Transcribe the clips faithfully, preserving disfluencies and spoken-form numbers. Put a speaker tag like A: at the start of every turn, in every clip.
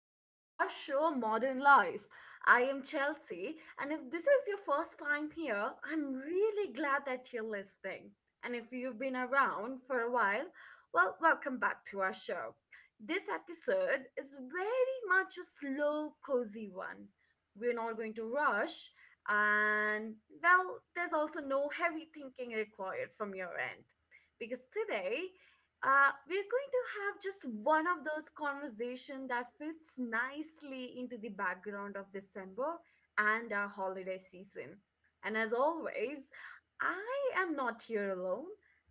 A: back to our show Modern Life. I am Chelsea, and if this is your first time here, I'm really glad that you're listening. And if you've been around for a while, well, welcome back to our show. This episode is very much a slow, cozy one. We're not going to rush, and well, there's also no heavy thinking required from your end because today uh, we're going to have just one of those conversation that fits nicely into the background of December and our holiday season. And as always, I am not here alone,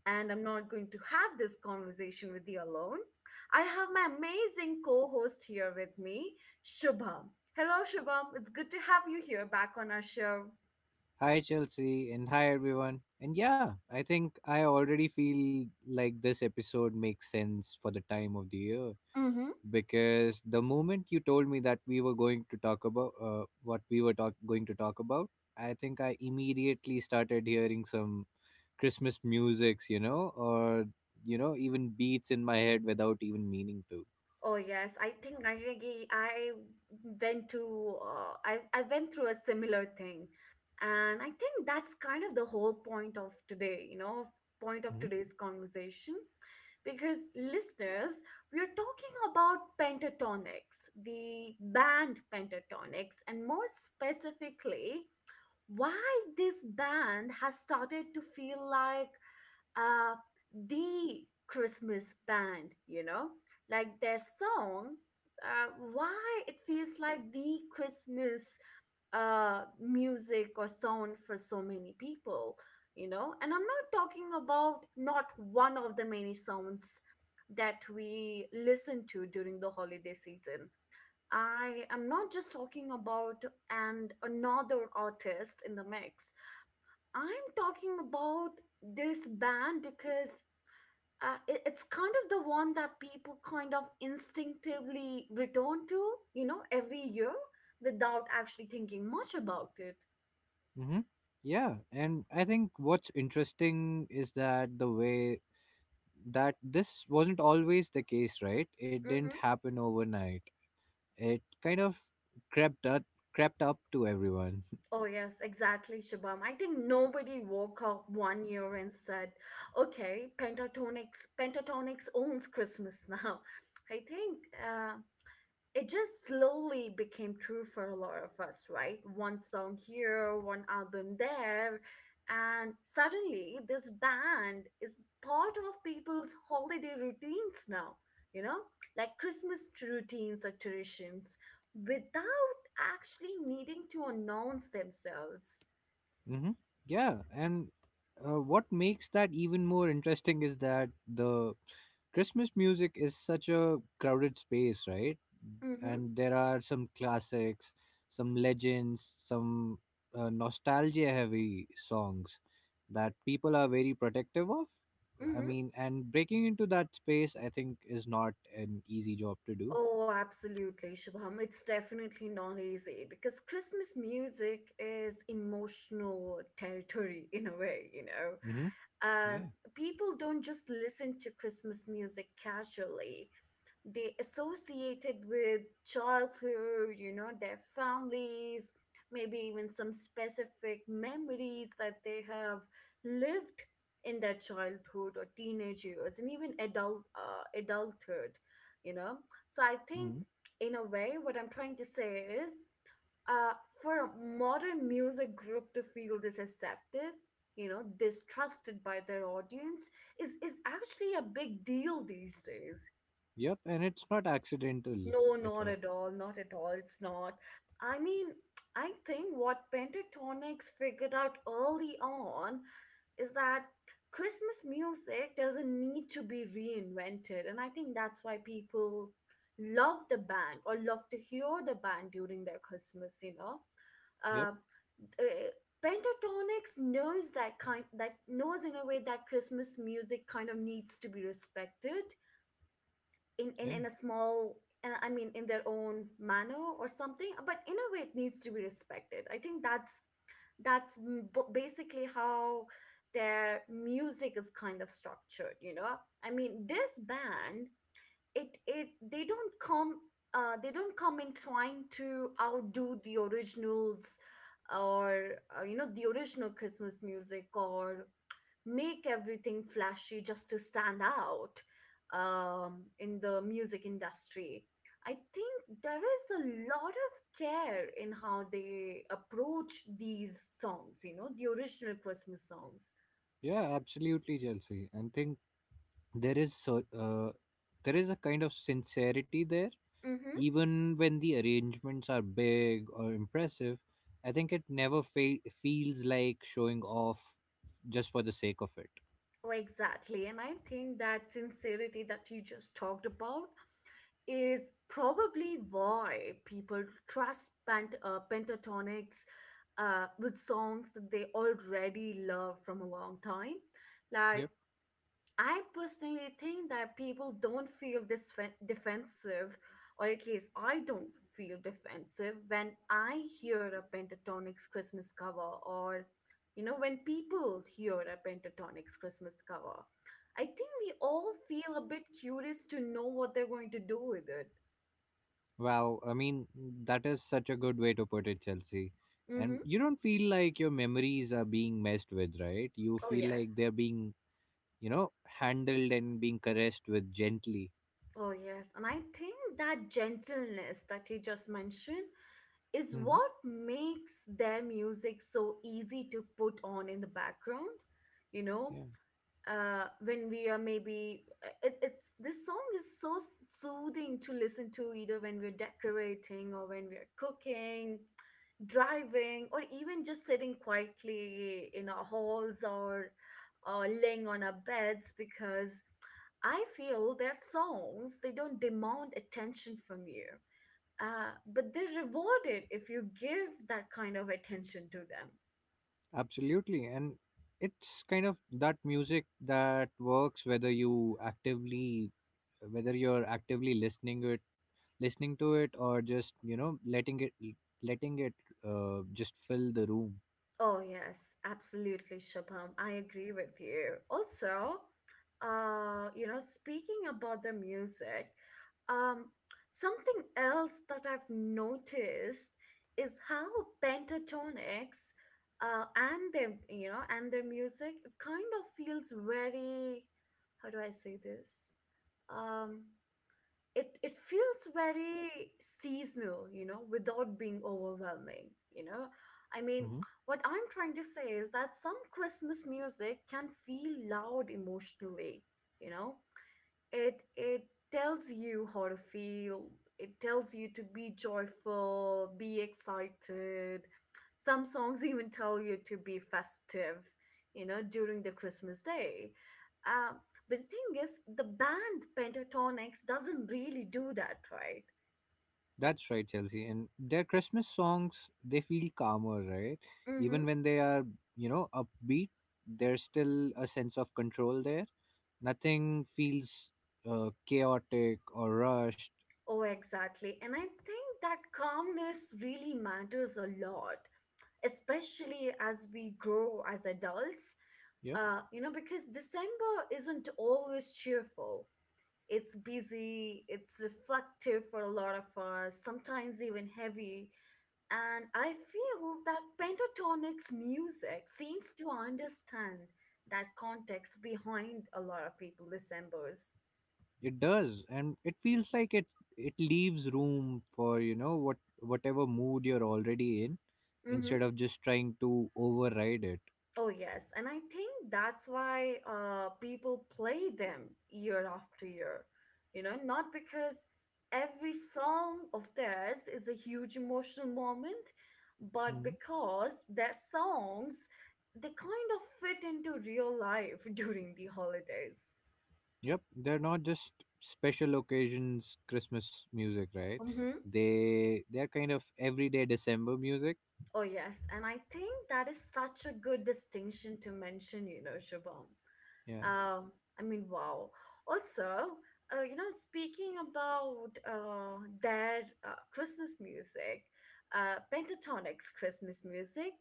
A: and I'm not going to have this conversation with you alone. I have my amazing co-host here with me, Shubham. Hello, Shubham. It's good to have you here back on our show.
B: Hi, Chelsea, and hi, everyone. And yeah, I think I already feel like this episode makes sense for the time of the year because the moment you told me that we were going to talk about uh, what we were talk- going to talk about, I think I immediately started hearing some Christmas musics, you know, or, you know, even beats in my head without even meaning to.
A: Oh yes, I think I really- I went to uh, I I went through a similar thing, and I think that's kind of the whole point of today, you know, point of today's
B: Mm-hmm.
A: conversation, because listeners, we are talking about pentatonics, the band pentatonics, and more specifically, why this band has started to feel like uh, the Christmas band, you know? Like their song, uh, why it feels like the Christmas uh, music or sound for so many people, you know? And I'm not talking about not one of the many sounds that we listen to during the holiday season. I am not just talking about and another artist in the mix. I'm talking about this band because uh, it, it's kind of the one that people kind of instinctively return to, you know, every year without actually thinking much about it.
B: Mm-hmm. Yeah, and I think what's interesting is that the way that this wasn't always the case, right? It didn't
A: Mm-hmm.
B: happen overnight. It kind of crept up, crept up to everyone.
A: Oh, yes, exactly, Shabam. I think nobody woke up one year and said, okay, Pentatonix, Pentatonix owns Christmas now. I think uh, it just slowly became true for a lot of us, right? One song here, one album there, and suddenly this band is part of people's holiday routines now, you know, like Christmas routines or traditions without actually needing to announce themselves.
B: Mm-hmm. Yeah, and uh, what makes that even more interesting is that the Christmas music is such a crowded space, right?
A: Mm-hmm.
B: And there are some classics, some legends, some uh, nostalgia heavy songs that people are very protective of. I
A: Mm-hmm.
B: mean, and breaking into that space, I think, is not an easy job to do.
A: Oh, absolutely, Shubham. It's definitely not easy because Christmas music is emotional territory in a way, you know.
B: Mm-hmm.
A: Um,
B: Yeah.
A: people don't just listen to Christmas music casually, they associated with childhood, you know, their families, maybe even some specific memories that they have lived in their childhood or teenage years and even adult uh, adulthood, you know. So I think
B: Mm-hmm.
A: in a way what I'm trying to say is uh, for a modern music group to feel this accepted, you know, distrusted by their audience is is actually a big deal these days.
B: Yep. And it's not accidental
A: No,
B: at
A: not
B: all.
A: at all. Not at all. It's not. I mean, I think what pentatonics figured out early on is that Christmas music doesn't need to be reinvented. And I think that's why people love the band or love to hear the band during their Christmas, you know?
B: Yep.
A: Uh, uh, pentatonics knows that kind that knows in a way that christmas music kind of needs to be respected in in
B: Yeah.
A: in a small uh, i mean in their own manner or something, but in a way it needs to be respected. I think that's that's m- b- basically how their music is kind of structured, you know. I mean this band, it it they don't come uh, they don't come in trying to outdo the originals or uh, you know the original christmas music, or make everything flashy just to stand out um, in the music industry. I think there is a lot of care in how they approach these songs, you know, the original Christmas songs.
B: Yeah, absolutely, Chelsea. I think there is so uh, there is a kind of sincerity there,
A: Mm-hmm.
B: even when the arrangements are big or impressive. I think it never fe- feels like showing off just for the sake of it.
A: Oh, exactly. And I think that sincerity that you just talked about is probably why people trust pent- uh, pentatonics uh, with songs that they already love from a long time. Like
B: Yep.
A: I personally think that people don't feel this defensive, or at least I don't feel defensive when I hear a Pentatonix Christmas cover, or you know, when people hear a Pentatonix Christmas cover. I think we all feel a bit curious to know what they're going to do with it.
B: Wow. I mean, that is such a good way to put it, Chelsea. And
A: Mm-hmm.
B: you don't feel like your memories are being messed with, right? You
A: Oh,
B: feel like
A: yes.
B: they're being, you know, handled and being caressed with gently.
A: Oh, yes. And I think that gentleness that you just mentioned is what
B: Hmm.
A: makes their music so easy to put on in the background, you know,
B: Yeah.
A: uh when we are maybe uh, it, it's this song is so soothing to listen to either when we're decorating or when we're cooking, driving, or even just sitting quietly in our halls or uh, laying on our beds, because I feel their songs they don't demand attention from you, uh, but they're rewarded if you give that kind of attention to them.
B: Absolutely. And it's kind of that music that works whether you actively whether you're actively listening it listening to it or just, you know, letting it letting it uh, just fill the room.
A: Oh, yes, absolutely, Shubham. I agree with you. Also, uh, you know, speaking about the music, um, something else that I've noticed is how pentatonics uh, and their, you know, and their music, it kind of feels very, how do I say this? um. it it feels very seasonal, you know, without being overwhelming, you know. I mean
B: Hmm.
A: what I'm trying to say is that some christmas music can feel loud emotionally, you know, it it tells you how to feel, it tells you to be joyful, be excited. Some songs even tell you to be festive, you know, during the christmas day. um, but the thing is, the band pentatonix doesn't really do that, right?
B: That's right, Chelsea. And their Christmas songs, they feel calmer, right?
A: Mm-hmm.
B: Even when they are, you know, upbeat, there's still a sense of control there. Nothing feels uh, chaotic or rushed.
A: Oh exactly, and I think that calmness really matters a lot, especially as we grow as adults. Uh, you know, because December isn't always cheerful. It's busy, it's reflective for a lot of us, sometimes even heavy. And I feel that Pentatonic's music seems to understand that context behind a lot of people December's.
B: It does, and it feels like it it leaves room for, you know, what whatever mood you're already in, instead of just trying to override it.
A: Oh, yes. And I think that's why uh, people play them year after year. You know, not because every song of theirs is a huge emotional moment, but
B: Mhm.
A: because their songs, they kind of fit into real life during the holidays.
B: Yep, they're not just special occasions Christmas music, right?
A: Mm-hmm.
B: They they're kind of everyday December music.
A: Oh, yes. And I think that is such a good distinction to mention, you know, Shubham.
B: Yeah.
A: Um, I mean, wow. Also, uh, you know, speaking about uh, their uh, Christmas music, uh, Pentatonic's Christmas music,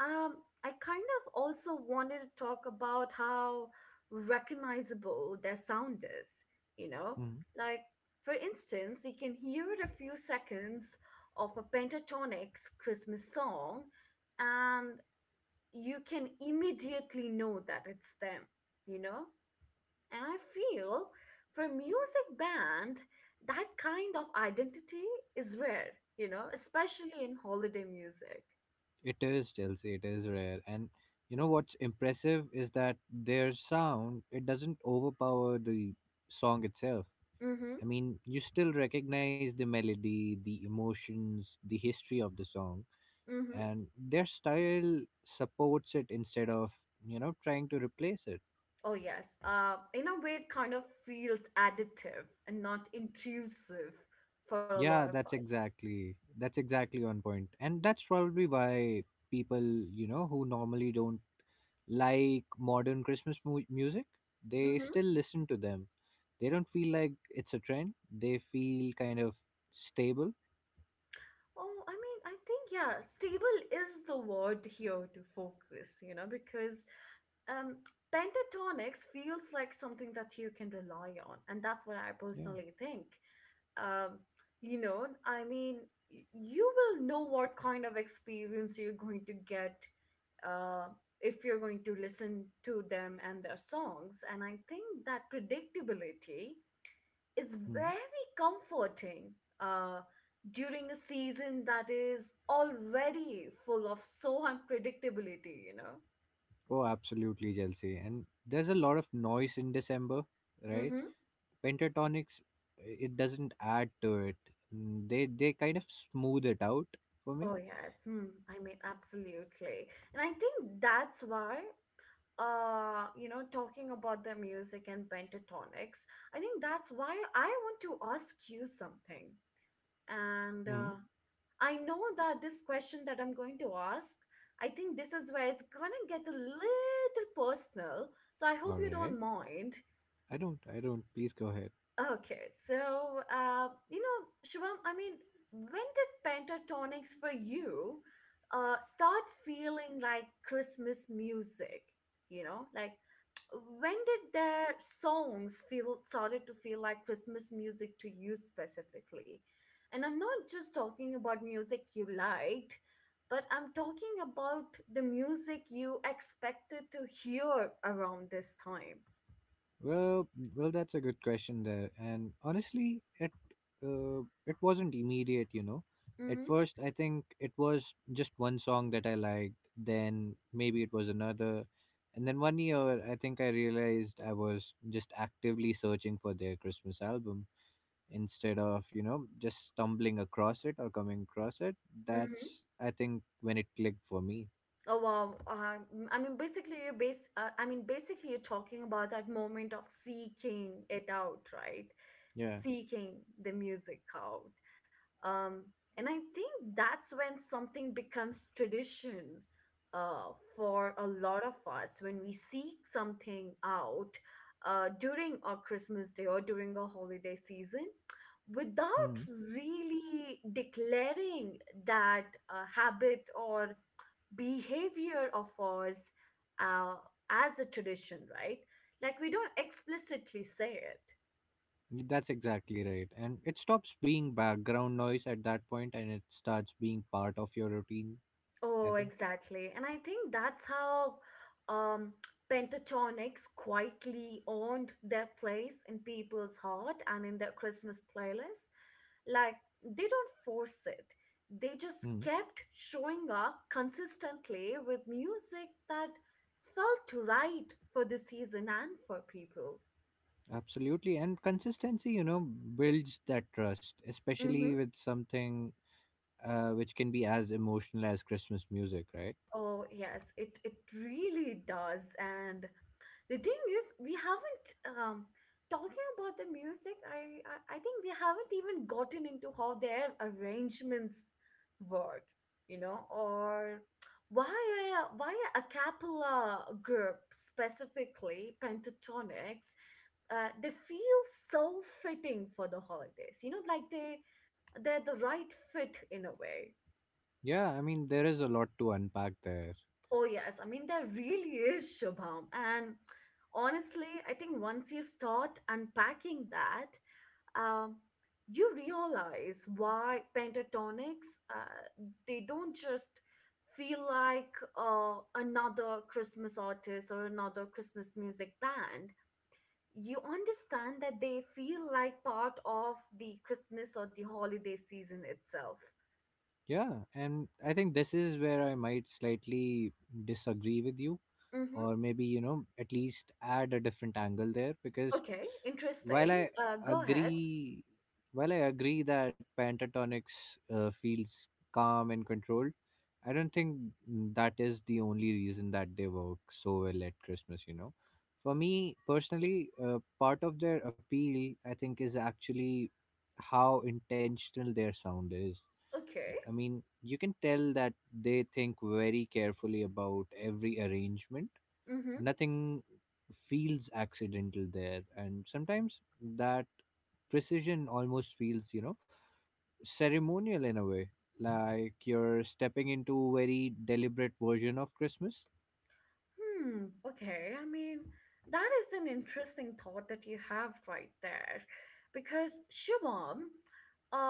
A: um, I kind of also wanted to talk about how recognizable their sound is, you know?
B: Mhm.
A: Like, for instance, you can hear a few seconds of a Pentatonic's Christmas song, and you can immediately know that it's them, you know? And I feel for a music band, that kind of identity is rare, you know, especially in holiday music.
B: It is, Chelsea. It is rare, and you know what's impressive is that their sound, it doesn't overpower the song itself.
A: Mm-hmm.
B: I mean, you still recognize the melody, the emotions, the history of the song,
A: Mm-hmm.
B: and their style supports it instead of, you know, trying to replace it.
A: Oh yes. Uh, in a way, it kind of feels additive and not intrusive for a lot of
B: Yeah, that's
A: us.
B: exactly that's exactly on point. And that's probably why people, you know, who normally don't like modern Christmas mu- music, they
A: Mm-hmm.
B: still listen to them. They don't feel like it's a trend. They feel kind of stable.
A: Oh, I mean, I think yeah, stable is the word here to focus, you know, because um pentatonics feels like something that you can rely on, and that's what I
B: Yeah.
A: personally think. um, you know, I mean, y- you will know what kind of experience you're going to get uh, if you're going to listen to them and their songs. And I think that predictability is very comforting uh, during a season that is already full of so unpredictability, you know.
B: Oh, absolutely, Chelsea. And there's a lot of noise in December, right?
A: Mm-hmm.
B: Pentatonics, it doesn't add to it. Mm. They they kind of smooth it out for me.
A: Oh yes, mm, I mean absolutely, and i think that's why uh you know talking about their music and pentatonics I think that's why I want to ask you something, and
B: Mm.
A: uh, I know that this question that I'm going to ask, I think this is where it's going to get a little personal, so I hope
B: All
A: you
B: right.
A: don't mind.
B: I don't. I don't. Please go ahead.
A: Okay, so uh you know shivam, I mean, when did pentatonics for you uh start feeling like christmas music, you know, like when did their songs feel started to feel like christmas music to you specifically? And I'm not just talking about music you liked, but I'm talking about the music you expected to hear around this time.
B: Well, well, that's a good question there. And honestly, it uh, it wasn't immediate, you know. At
A: Mm-hmm,
B: first, I think it was just one song that I liked. Then maybe it was another, and then one year, I think I realized I was just actively searching for their Christmas album instead of, you know, just stumbling across it or coming across it.
A: mm-hmm.
B: That's, I think, when it clicked for me.
A: Oh wow. Uh, m- I mean, basically, you're base. Uh, I mean, basically, you're talking about that moment of seeking it out, right?
B: Yeah.
A: Seeking the music out. Um, and I think that's when something becomes tradition uh, for a lot of us, when we seek something out uh, during our Christmas day or during a holiday season without
B: Hmm.
A: really declaring that uh, habit or behavior of ours uh, as a tradition, right? Like we don't explicitly say it.
B: Yeah, that's exactly right. And it stops being background noise at that point, and it starts being part of your routine, I
A: Oh,
B: think.
A: exactly. And I think that's how um, pentatonics quietly owned their place in people's heart and in their Christmas playlist. Like they don't force it. They just
B: Mm,
A: kept showing up consistently with music that felt right for the season and for people.
B: absolutely. And consistency, you know, builds that trust, especially with something uh, which can be as emotional as Christmas music, right?
A: Oh, yes, it it really does. And the thing is, we haven't um talking about the music, I I, I think we haven't even gotten into how their arrangements work, you know, or why a, why a cappella group, specifically pentatonics, uh, they feel so fitting for the holidays, you know, like they they're the right fit in a way.
B: Yeah, I mean, there is a lot to unpack there.
A: Oh, yes. I mean, there really is, Shubham. And honestly, I think once you start unpacking that, um, you realize why pentatonics, uh, they don't just feel like uh, another Christmas artist or another Christmas music band. You understand that they feel like part of the Christmas or the holiday season itself.
B: Yeah, and I think this is where I might slightly disagree with you,
A: Mm-hmm.
B: or maybe, you know, at least add a different angle there because
A: Okay,
B: while
A: interesting.
B: I
A: Uh, go ahead.
B: agree, while I agree that Pentatonix uh, feels calm and controlled, I don't think that is the only reason that they work so well at Christmas. You know, for me personally, uh, part of their appeal, I think, is actually how intentional their sound is.
A: Okay.
B: I mean, you can tell that they think very carefully about every arrangement.
A: Mm-hmm.
B: Nothing feels accidental there, and sometimes that precision almost feels, you know, ceremonial in a way. Like you're stepping into a very deliberate version of Christmas.
A: Hmm, okay. I mean, that is an interesting thought that you have right there. Because Shivam,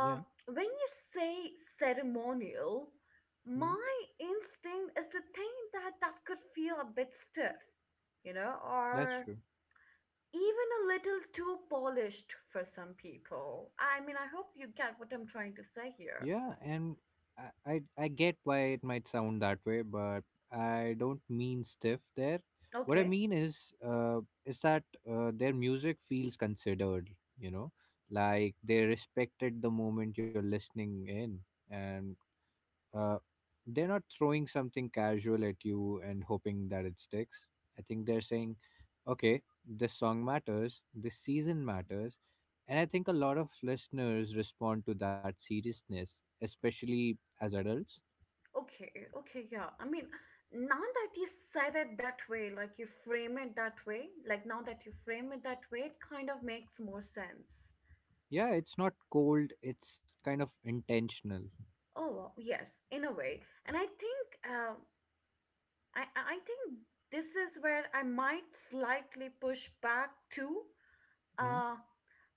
B: Yeah,
A: when you say ceremonial,
B: mm,
A: my instinct is to think that that could feel a bit stiff, you know,
B: that's
A: or
B: true.
A: even a little too polished for some people. I mean, I hope you get what I'm trying to say here.
B: Yeah, and I, I I get why it might sound that way, but I don't mean stiff there. What I
A: Okay.
B: mean is, uh, is that uh, their music feels considered. You know, like they respected the moment you're listening in, and Uh, they're not throwing something casual at you and hoping that it sticks. I think they're saying, okay, this song matters, this season matters. And I think a lot of listeners respond to that seriousness, especially as adults.
A: Okay, okay, yeah. I mean, now that you said it that way, like you frame it that way, like now that you frame it that way, it kind of makes more sense.
B: Yeah, it's not cold, it's kind of intentional.
A: Oh, well, yes, in a way. And I think, uh, I I I think this is where I might slightly push back too.
B: Mm,
A: Uh,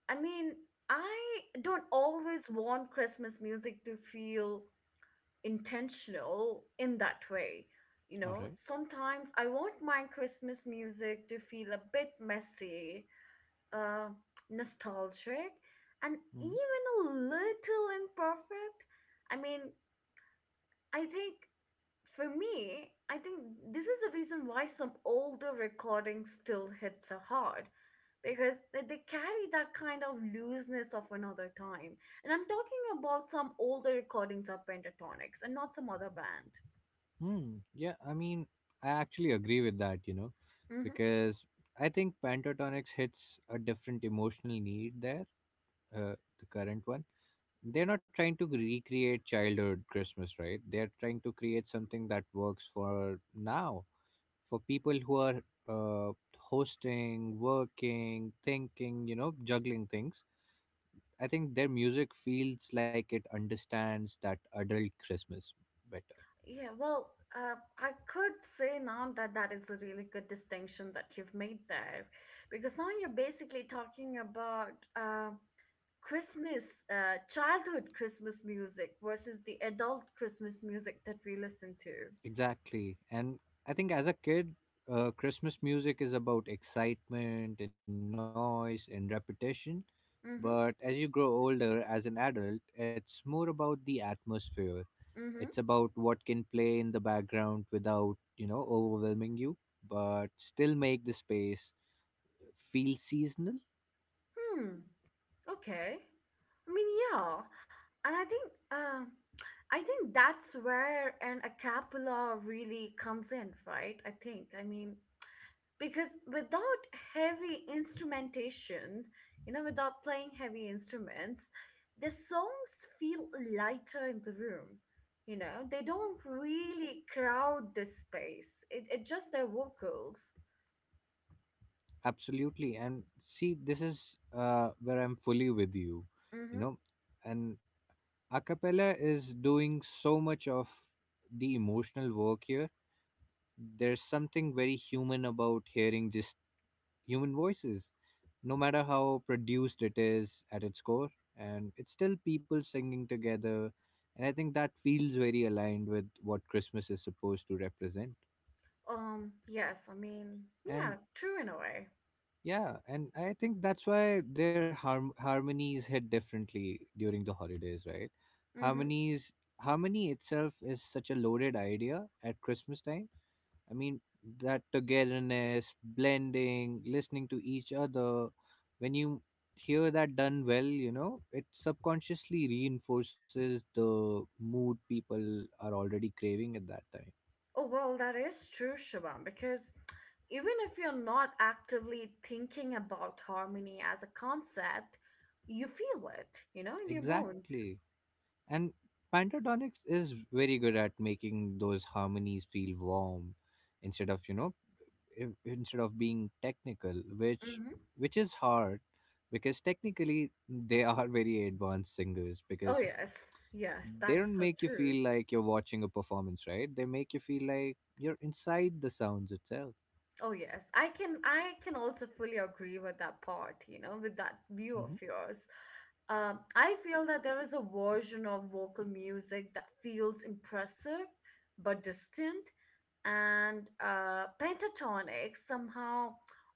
A: I mean, I don't always want Christmas music to feel intentional in that way. You
B: all
A: know,
B: right.
A: sometimes I want my Christmas music to feel a bit messy, uh, nostalgic, and
B: Mm.
A: even a little imperfect. I mean, I think for me, I think this is the reason why some older recordings still hit so hard because they, they carry that kind of looseness of another time. And I'm talking about some older recordings of Pentatonics and not some other band.
B: Hmm. Yeah, I mean, I actually agree with that, you know,
A: Mm-hmm.
B: because I think Pentatonix hits a different emotional need there, uh, the current one. They're not trying to recreate childhood Christmas, right? They're trying to create something that works for now, for people who are uh, hosting, working, thinking, you know, juggling things. I think their music feels like it understands that adult Christmas better.
A: Yeah, well, uh, I could say now that that is a really good distinction that you've made there, because now you're basically talking about uh, Christmas, uh, childhood Christmas music versus the adult Christmas music that we listen to.
B: Exactly. And I think as a kid, uh, Christmas music is about excitement and noise and repetition.
A: Mm-hmm.
B: But as you grow older as an adult, it's more about the atmosphere.
A: Mm-hmm.
B: It's about what can play in the background without, you know, overwhelming you, but still make the space feel seasonal.
A: Hmm. Okay. I mean, yeah, and I think. Um, I think that's where an a cappella really comes in, right? I think. I mean, because without heavy instrumentation, you know, without playing heavy instruments, the songs feel lighter in the room. You know, they don't really crowd the space. It, it just their vocals.
B: Absolutely. And see, this is uh, where I'm fully with you,
A: Mm-hmm.
B: you know, and a cappella is doing so much of the emotional work here. There's something very human about hearing just human voices, no matter how produced it is at its core, and it's still people singing together, and I think that feels very aligned with what Christmas is supposed to represent.
A: um yes, I mean, yeah,
B: And
A: true in a way.
B: yeah, and I think that's why their harm- harmonies hit differently during the holidays, right?
A: Mm-hmm.
B: Harmonies, harmony itself is such a loaded idea at Christmas time. I mean, that togetherness, blending, listening to each other, when you hear that done well, you know, it subconsciously reinforces the mood people are already craving at that time.
A: Oh well, that is true, Shaban, because even if you're not actively thinking about harmony as a concept, you feel it, you know, in your bones.
B: Exactly. And Pantodonics is very good at making those harmonies feel warm instead of, you know, in- instead of being technical, which
A: Mm-hmm.
B: which is hard because technically they are very advanced singers
A: Oh
B: because
A: yes, yes,
B: they
A: that
B: don't
A: is
B: make
A: so
B: you feel
A: true.
B: like you're watching a performance, right? They make you feel like you're inside the sounds itself.
A: Oh yes, I can I can also fully agree with that part, you know, with that view of
B: Hmm.
A: yours. Um, I feel that there is a version of vocal music that feels impressive but distant, and uh, pentatonic somehow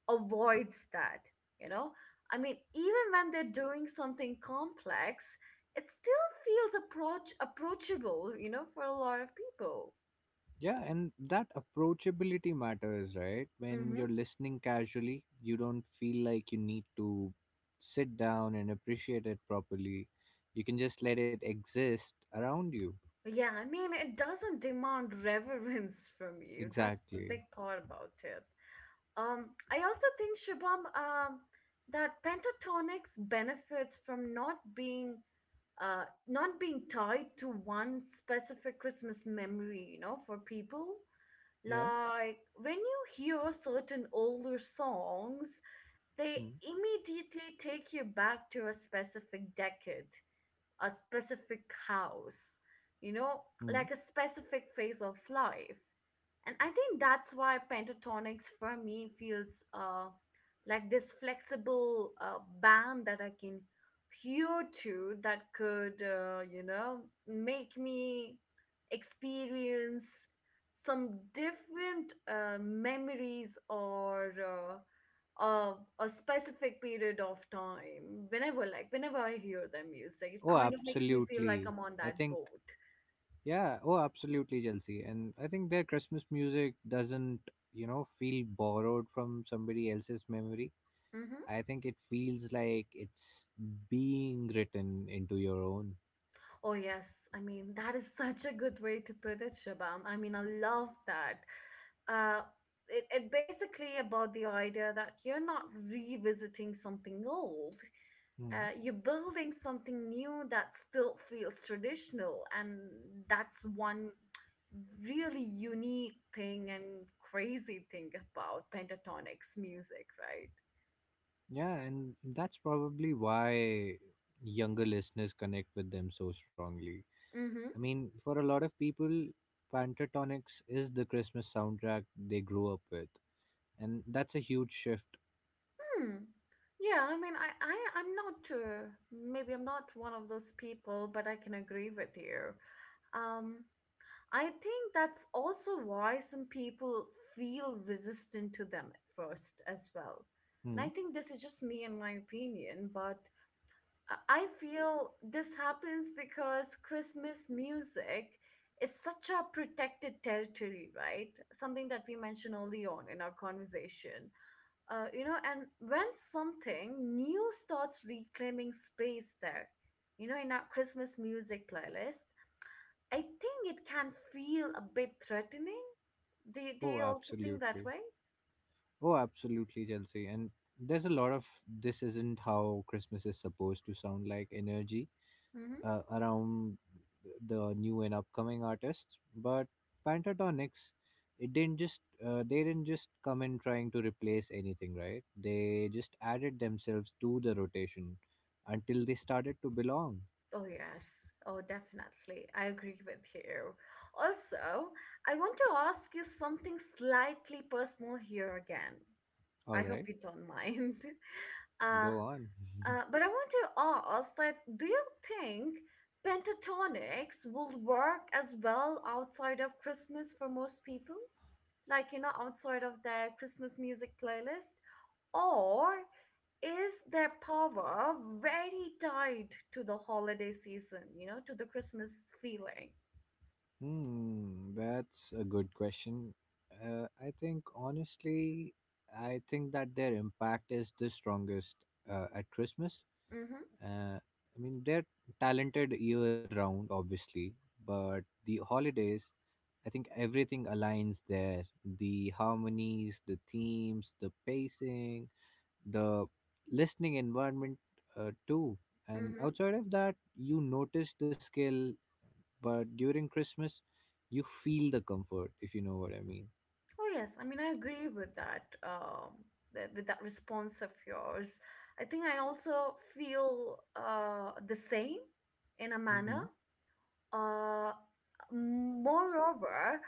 A: avoids that, you know. I mean, even when they're doing something complex, it still feels approach approachable, you know, for a lot of people.
B: Yeah, and that approachability matters, right? When
A: Mm-hmm.
B: you're listening casually, you don't feel like you need to sit down and appreciate it properly. You can just let it exist around you.
A: Yeah, I mean, it doesn't demand reverence from you. That's the
B: Exactly.
A: big part about it. Um, I also think, Shubham, um, that pentatonics benefits from not being uh not being tied to one specific Christmas memory, you know, for people.
B: Yeah.
A: Like when you hear certain older songs, they
B: Mm.
A: immediately take you back to a specific decade, a specific house, you know,
B: Hmm.
A: like a specific phase of life. And I think that's why pentatonics for me feels uh, like this flexible uh, band that I can hear to that could, uh, you know, make me experience some different uh, memories or uh, uh, a specific period of time whenever, like whenever I hear their music, it
B: Oh,
A: kind of makes me feel like
B: absolutely.
A: I'm on
B: I
A: that
B: think
A: boat.
B: Yeah, oh, absolutely, Chelsea. And I think their Christmas music doesn't, you know, feel borrowed from somebody else's memory.
A: Hmm.
B: I think it feels like it's being written into your own.
A: Oh yes, I mean, that is such a good way to put it, Shabam. I mean, I love that. uh it, it basically about the idea that you're not revisiting something old,
B: Hmm.
A: uh, you're building something new that still feels traditional, and that's one really unique thing and crazy thing about pentatonics music, right?
B: Yeah, and that's probably why younger listeners connect with them so strongly. I
A: Mm-hmm.
B: mean, for a lot of people, Pentatonix is the Christmas soundtrack they grew up with, and that's a huge shift.
A: Hmm. Yeah, I mean i, I i'm not uh, maybe I'm not one of those people, but I can agree with you. Um, I think that's also why some people feel resistant to them at first as well. And
B: Hmm.
A: I think this is just me and my opinion, but I feel this happens because Christmas music is such a protected territory, right? Something that we mentioned early on in our conversation. Uh, you know, and when something new starts reclaiming space there, you know, in our Christmas music playlist, I think it can feel a bit threatening. Do, you- do
B: Oh,
A: you also think that
B: absolutely.
A: way?
B: Oh, absolutely, Chelsea. And there's a lot of this isn't how Christmas is supposed to sound like energy
A: Mm-hmm.
B: uh, around the new and upcoming artists. But Pentatonics, it didn't just uh, they didn't just come in trying to replace anything, right? They just added themselves to the rotation until they started to belong.
A: Oh, yes. Oh, definitely. I agree with you. Also, I want to ask you something slightly personal here again.
B: All
A: I
B: right,
A: hope you don't mind. Uh,
B: go on.
A: uh, but I want to ask that do you think pentatonics will work as well outside of Christmas for most people? Like, you know, outside of their Christmas music playlist? Or is their power very tied to the holiday season, you know, to the Christmas feeling?
B: Hmm, that's a good question. Uh, I think honestly, I think that their impact is the strongest uh, at Christmas.
A: Mm-hmm.
B: Uh, I mean, they're talented year round, obviously, but the holidays, I think everything aligns there. The harmonies, the themes, the pacing, the listening environment, uh, too. And
A: Mm-hmm.
B: outside of that, you notice the skill, but during Christmas, you feel the comfort, if you know what I mean.
A: Oh yes, I mean, I agree with that. Um, th- with that response of yours, I think I also feel uh the same in a
B: Hmm.
A: manner. Uh, Moreover,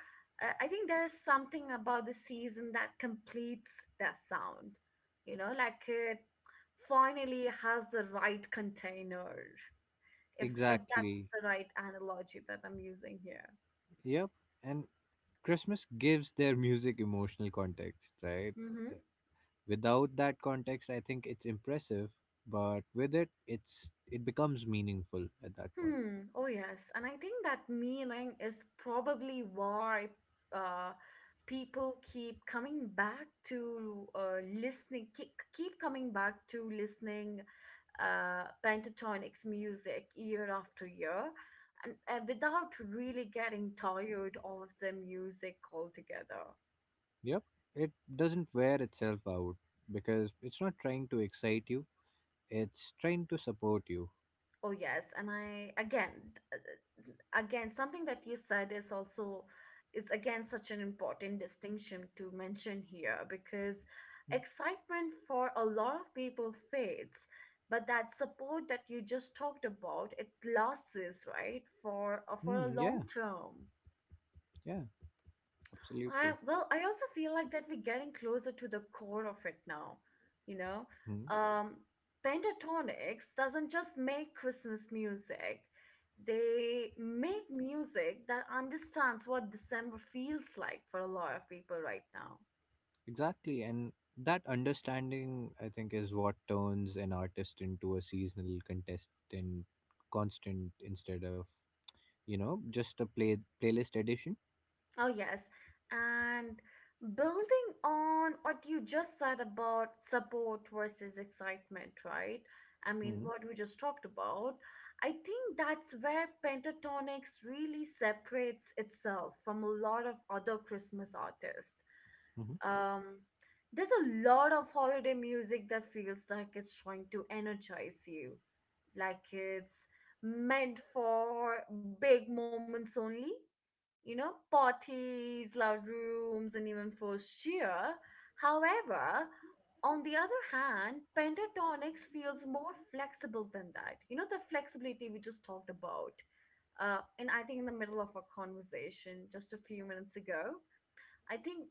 A: uh, I think there's something about the season that completes that sound. You know, like it finally has the right container. If if that's
B: Exactly.
A: the right analogy that I'm using here.
B: Yep. And Christmas gives their music emotional context, right?
A: Mm-hmm.
B: Without that context, I think it's impressive, but with it, it's it becomes meaningful at that point.
A: Hmm. Oh yes, and I think that meaning is probably why uh, people keep coming back to uh, listening, keep, keep coming back to listening uh, pentatonics music year after year and, and without really getting tired of the music altogether.
B: Yep. It doesn't wear itself out because it's not trying to excite you, it's trying to support you.
A: Oh yes, and I again uh, again something that you said is also is again such an important distinction to mention here because excitement for a lot of people fades, but that support that you just talked about, it lasts, right, for uh, for
B: Mm,
A: a
B: yeah.
A: long term.
B: Yeah,
A: I,
B: absolutely.
A: well, I also feel like that we're getting closer to the core of it now. You know,
B: Hmm.
A: um, Pentatonix doesn't just make Christmas music; they make music that understands what December feels like for a lot of people right now.
B: Exactly, and that understanding, I think, is what turns an artist into a seasonal contestant, constant instead of, you know, just a play playlist edition.
A: Oh, yes. And building on what you just said about support versus excitement, right? I mean,
B: Mm.
A: what we just talked about, I think that's where Pentatonics really separates itself from a lot of other Christmas artists.
B: Hmm. Mm-hmm.
A: Um, there's a lot of holiday music that feels like it's trying to energize you, like it's meant for big moments only, you know,
B: Yeah.
A: parties, loud rooms, and even forced cheer. However, on the other hand, pentatonics feels more flexible than that. You know, the flexibility we just talked about. Uh, and I think in the middle of our conversation just a few minutes ago, I think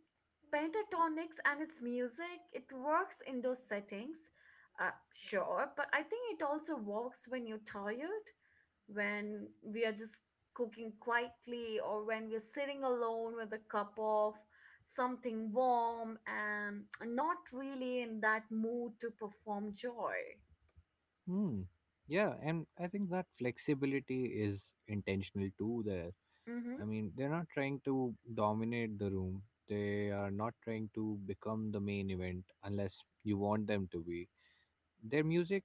A: pentatonics and its music, it works in those settings, uh, sure, but I think it also works when you're tired, when we are just cooking quietly, or when we're sitting alone with a cup of something warm and not really in that mood to perform joy.
B: Hmm. Yeah, and I think that flexibility is intentional too. There,
A: Mm-hmm.
B: I mean, they're not trying to dominate the room. They are not trying to become the main event unless you want them to be. Their music,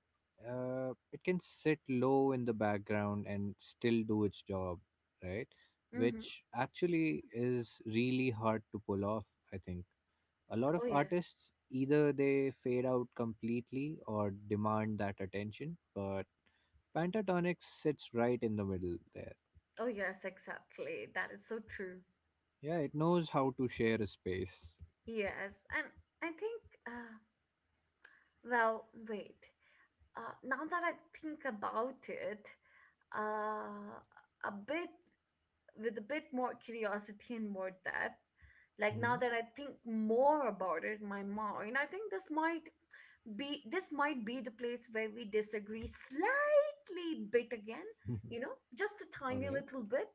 B: uh, it can sit low in the background and still do its job, right?
A: Mm-hmm.
B: Which actually is really hard to pull off, I think. A lot of
A: Oh, yes.
B: artists either they fade out completely or demand that attention, but pentatonic sits right in the middle there.
A: Oh, yes, exactly. That is so true.
B: Yeah, it knows how to share a space.
A: Yes. And I think, uh, well, wait. Uh, now that I think about it, uh, a bit. With a bit more curiosity and more depth. Like
B: Mhm.
A: now that I think more about it in my mind, I think this might be this might be the place where we disagree slightly bit again, you know, just a
B: All
A: tiny
B: right.
A: little bit.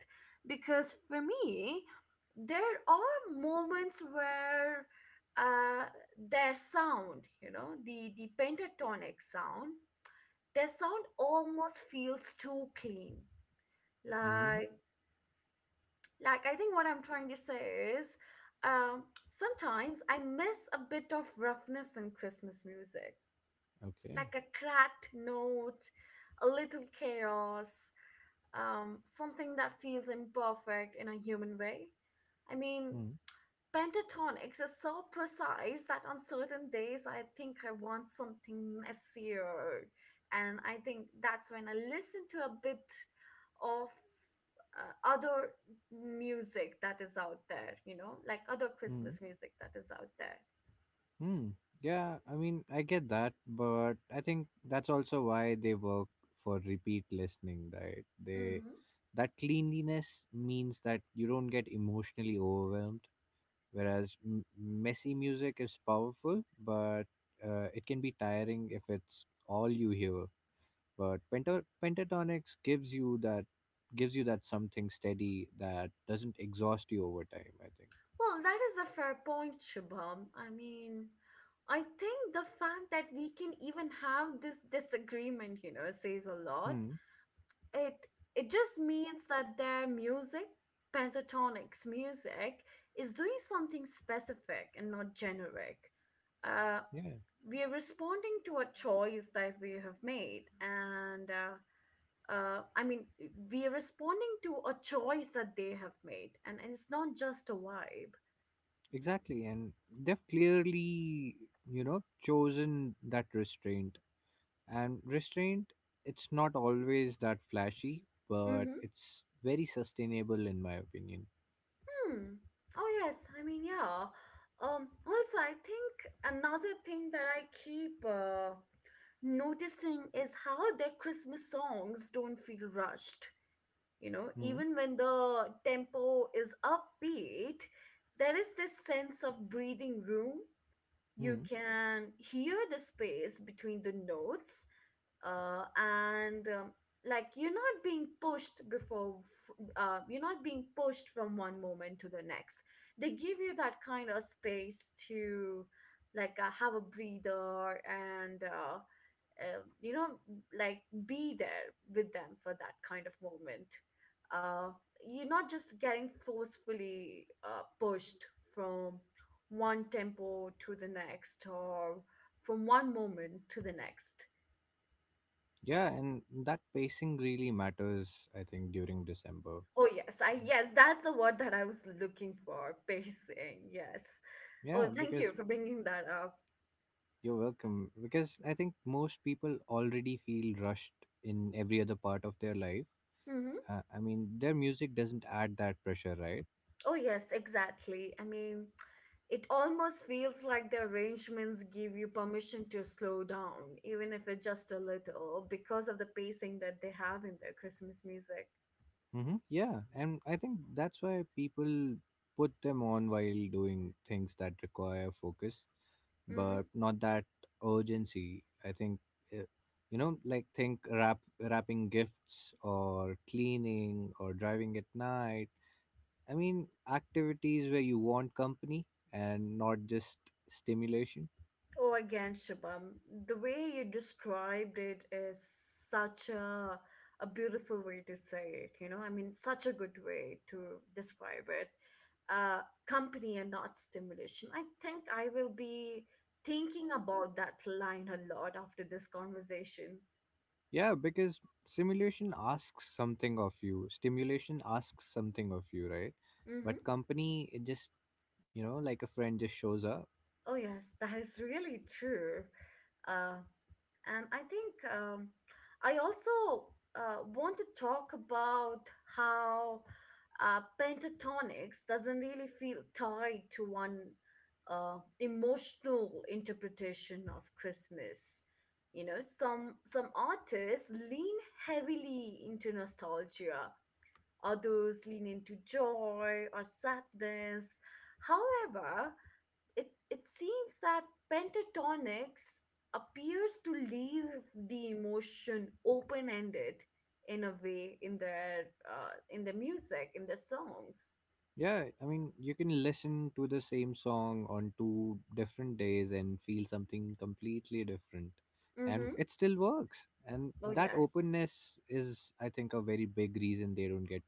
A: Because for me, there are moments where uh, their sound, you know, the the pentatonic sound, their sound almost feels too clean.
B: Mhm.
A: Like. Like, I think what I'm trying to say is um, sometimes I miss a bit of roughness in Christmas music,
B: Okay.
A: like a cracked note, a little chaos, um, something that feels imperfect in a human way. I mean, pentatonics is so precise that on certain days I think I want something messier. And I think that's when I listen to a bit of uh, other music that is out there, you know, like other
B: Mhm.
A: Christmas music that is out there.
B: Hmm. Yeah, I mean, I get that, but I think that's also why they work for repeat listening, right? They
A: Hmm.
B: That cleanliness means that you don't get emotionally overwhelmed, whereas m- messy music is powerful, but uh, it can be tiring if it's all you hear. But penta- pentatonics gives you that gives you that something steady that doesn't exhaust you over time. I think.
A: Well, that is a fair point, Shubham. I mean, I think the fact that we can even have this disagreement, you know, says a lot.
B: Hmm.
A: it it just means that their music, pentatonics music, is doing something specific and not generic. uh,
B: Yeah.
A: we are responding to a choice that we have made and uh, uh, i mean we are responding to a choice that they have made, and, and it's not just a vibe.
B: Exactly, and they've clearly, you know, chosen that restraint. And restraint, it's not always that flashy, but
A: Mm-hmm.
B: it's very sustainable in my opinion.
A: Hmm. Oh yes, I mean, yeah. Um, also I think another thing that I keep uh, noticing is how their Christmas songs don't feel rushed. You know,
B: Hmm.
A: even when the tempo is upbeat, there is this sense of breathing room. You
B: Hmm.
A: can hear the space between the notes, uh, and um, like you're not being pushed before, f- uh, you're not being pushed from one moment to the next. They give you that kind of space to like uh, have a breather and uh, uh, you know like be there with them for that kind of moment uh, you're not just getting forcefully uh, pushed from one tempo to the next or from one moment to the next.
B: Yeah, and that pacing really matters, I think, during December.
A: Oh yes i yes that's the word that I was looking for, pacing, yes. Oh,
B: Yeah,
A: thank you
B: because
A: for bringing that up.
B: you're welcome. Because I think most people already feel rushed in every other part of their life.
A: Hmm.
B: Uh, I mean, their music doesn't add that pressure, right?
A: Oh yes, exactly. I mean, it almost feels like the arrangements give you permission to slow down, even if it's just a little, because of the pacing that they have in their Christmas music.
B: Mm-hmm. Yeah, and I think that's why people put them on while doing things that require focus,
A: Hmm.
B: but not that urgency. I think, uh, you know, like think wrap wrapping gifts or cleaning or driving at night. I mean, activities where you want company and not just stimulation.
A: Oh, again, Shubham, the way you described it is such a a beautiful way to say it. You know, I mean, such a good way to describe it. Uh, company and not stimulation. I think I will be thinking about that line a lot after this conversation.
B: Yeah, because simulation asks something of you. Stimulation asks something of you, right? But
A: Mm-hmm.
B: company, it just, you know, like a friend just shows up.
A: Oh, yes, that is really true. Uh, and I think um, I also uh, want to talk about how uh, pentatonics doesn't really feel tied to one uh, emotional interpretation of Christmas. You know, some some artists lean heavily into nostalgia, others lean into joy or sadness. However, it it seems that pentatonics appears to leave the emotion open ended in a way in their uh, in their music in their songs.
B: Yeah, I mean, you can listen to the same song on two different days and feel something completely different.
A: Mm-hmm.
B: And it still works. And
A: Oh
B: that
A: yes,
B: openness is, I think, a very big reason they don't get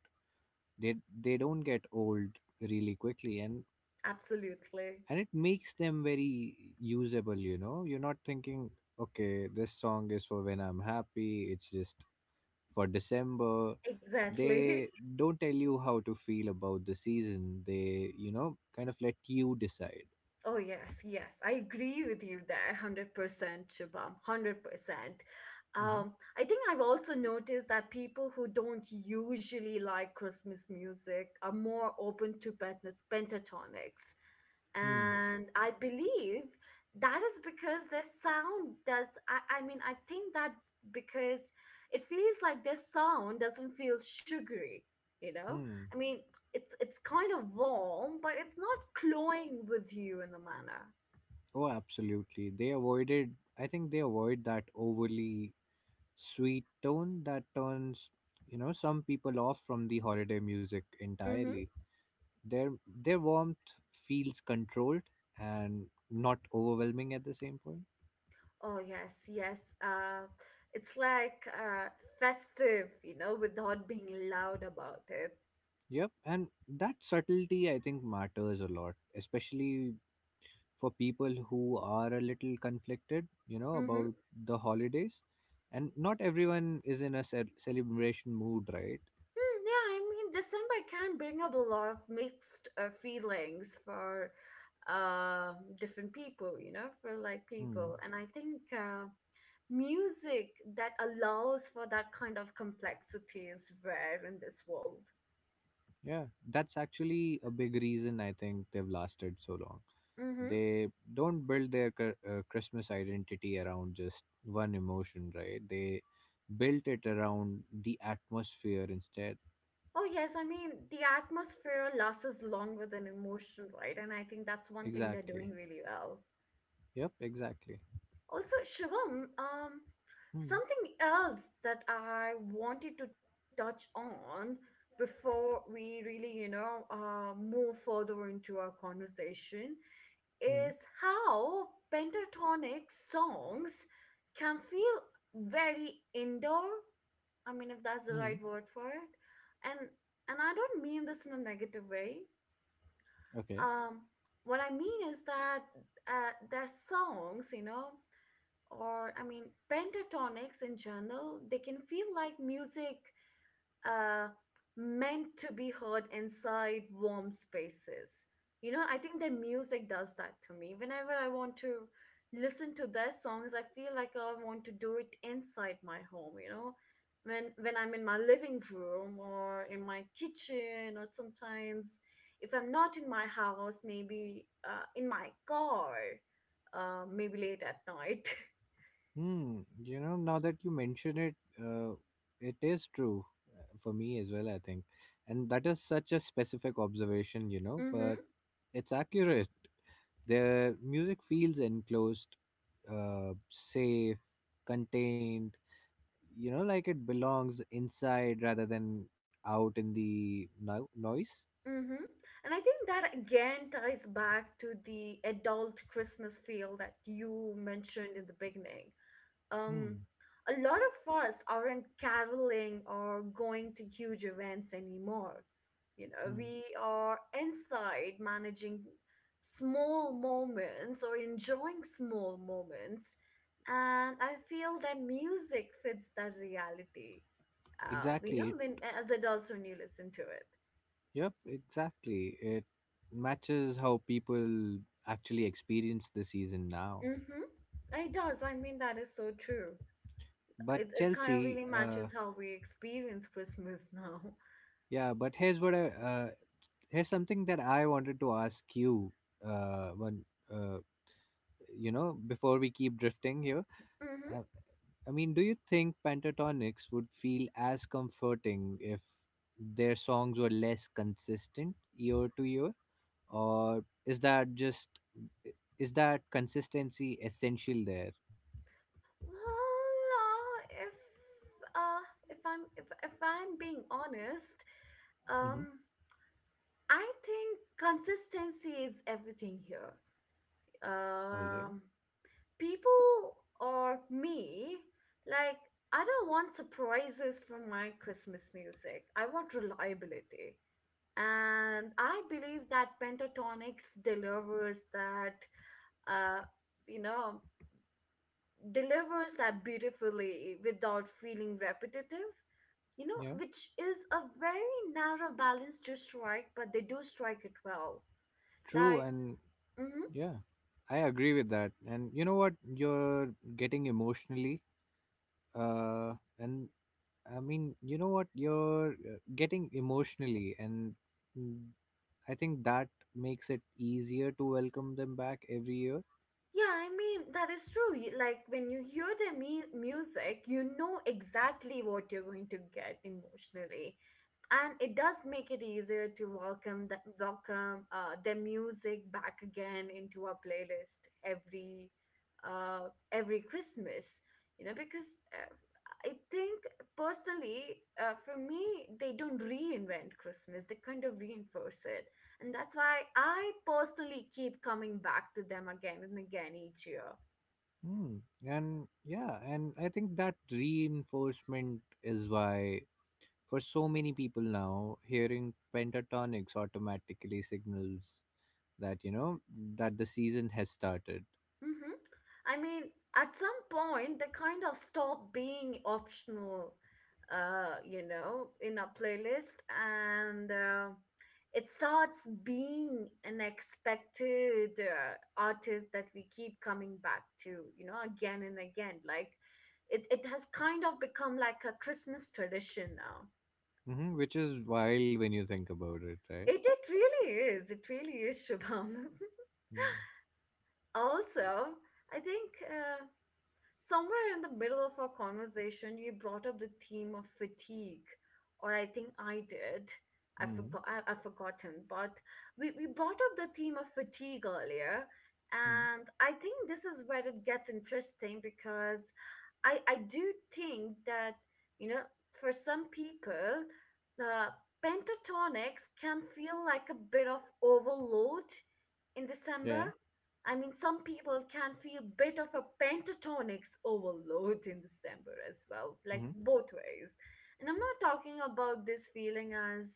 B: they they don't get old really quickly. And
A: absolutely,
B: and it makes them very usable. You know, you're not thinking, okay, this song is for when I'm happy. It's just for December.
A: exactly.
B: They don't tell you how to feel about the season. They, you know, kind of let you decide.
A: Oh yes, yes, I agree with you there, one hundred percent, Shubham, one hundred percent.
B: Hmm.
A: Um, I think I've also noticed that people who don't usually like Christmas music are more open to pent- pentatonics,
B: Hmm.
A: and I believe that is because their sound does. I, I mean, I think that because it feels like their sound doesn't feel sugary. You know,
B: Hmm.
A: I mean, it's it's kind of warm, but it's not clawing with you in the manner.
B: Oh, absolutely, they avoided I think they avoid that overly sweet tone that turns, you know, some people off from the holiday music entirely.
A: Mm-hmm.
B: Their their warmth feels controlled and not overwhelming at the same point.
A: Oh yes, yes. Uh, it's like uh, festive, you know, without being loud about it.
B: Yep, and that subtlety, I think, matters a lot, especially for people who are a little conflicted, you know,
A: Mm-hmm.
B: about the holidays. And not everyone is in a ce- celebration mood, right?
A: Mm, yeah, I mean, December can bring up a lot of mixed uh, feelings for uh, different people, you know, for like
B: Hmm.
A: people, and I think uh, music that allows for that kind of complexity is rare in this world.
B: Yeah, that's actually a big reason I think they've lasted so long.
A: Mm-hmm.
B: They don't build their cr- uh, Christmas identity around just one emotion, right? They built it around the atmosphere instead.
A: Oh, yes. I mean, the atmosphere lasts longer than emotion, right? And I think that's one thing they're
B: Exactly.
A: doing really well.
B: Yep, exactly.
A: Also, Shivam, um,
B: Hmm.
A: something else that I wanted to touch on before we really, you know, uh, move further into our conversation
B: Hmm.
A: is how pentatonic songs can feel very indoor. I mean, if that's the
B: Hmm.
A: right word for it. And and I don't mean this in a negative way.
B: Okay.
A: Um, what I mean is that uh, their songs, you know, or I mean, pentatonics in general, they can feel like music uh, meant to be heard inside warm spaces. You know, I think the music does that to me. Whenever I want to listen to their songs, I feel like I want to do it inside my home, you know. When when I'm in my living room or in my kitchen or sometimes if I'm not in my house, maybe uh, in my car, uh, maybe late at night.
B: Hmm. You know, now that you mention it, uh, it is true uh, for me as well, I think. And that is such a specific observation, you know, but it's accurate. Their music feels enclosed, uh, safe, contained, you know, like it belongs inside rather than out in the no- noise.
A: Mm-hmm. And I think that again ties back to the adult Christmas feel that you mentioned in the beginning.
B: Hmm.
A: Um, a lot of us aren't caroling or going to huge events anymore. You know,
B: Hmm.
A: we are inside managing small moments or enjoying small moments. And I feel that music fits that reality. Uh, you know,
B: Exactly. It,
A: when, as adults when you listen to it.
B: yep, exactly. It matches how people actually experience the season now.
A: Mm-hmm. It does. I mean, that is so true.
B: But
A: It, it kind of
B: Chelsea,
A: really
B: uh,
A: matches how we experience Christmas now.
B: yeah, but here's what I, uh, here's something that I wanted to ask you, uh, when, uh, you know, before we keep drifting here.
A: Mm-hmm.
B: I mean, do you think Pentatonics would feel as comforting if their songs were less consistent year to year? Or is that just is that consistency essential there?
A: Well, uh, if uh, if I'm if if I'm being honest,
B: Mm-hmm.
A: um, I think consistency is everything here.
B: All right.
A: Um, people or me, like I don't want surprises from my Christmas music. I want reliability. And I believe that pentatonics delivers that, uh you know delivers that beautifully without feeling repetitive, you know,
B: Yeah.
A: which is a very narrow balance to strike, but they do strike it well.
B: True.
A: like
B: And
A: mhm,
B: yeah, I agree with that. And you know what? You're getting emotionally, uh and I mean, you know what? You're uh, getting emotionally and mm, I think that makes it easier to welcome them back every year.
A: Yeah, I mean, that is true. You- Like when you hear the mu- music, you know exactly what you're going to get emotionally. And it does make it easier to welcome the, welcome uh, the music back again into our playlist every uh, every Christmas. You know, because uh, I think personally, uh, for me, they don't reinvent Christmas. They kind of reinforce it. And that's why I personally keep coming back to them again and again each year.
B: Hmm. And yeah, and I think that reinforcement is why for so many people now, hearing pentatonics automatically signals that, you know, that the season has started.
A: Hmm. I mean, at some point, they kind of stop being optional, uh, you know, in our playlist. And uh, it starts being an expected uh, artist that we keep coming back to, you know, again and again. Like it, it has kind of become like a Christmas tradition now.
B: Hmm, which is wild when you think about it, right?
A: It it really is. It really is, Shubham.
B: Mm,
A: Also, I think uh, somewhere in the middle of our conversation, you brought up the theme of fatigue, or I think I did. I
B: mm,
A: forgot. I, I've forgotten, but we we brought up the theme of fatigue earlier,
B: mm.
A: and I think this is where it gets interesting because I I do think that, you know, for some people, uh, pentatonics can feel like a bit of overload in December.
B: Yeah.
A: I mean, some people can feel bit of a pentatonics overload in December as well, like
B: Mm.
A: both ways. And I'm not talking about this feeling as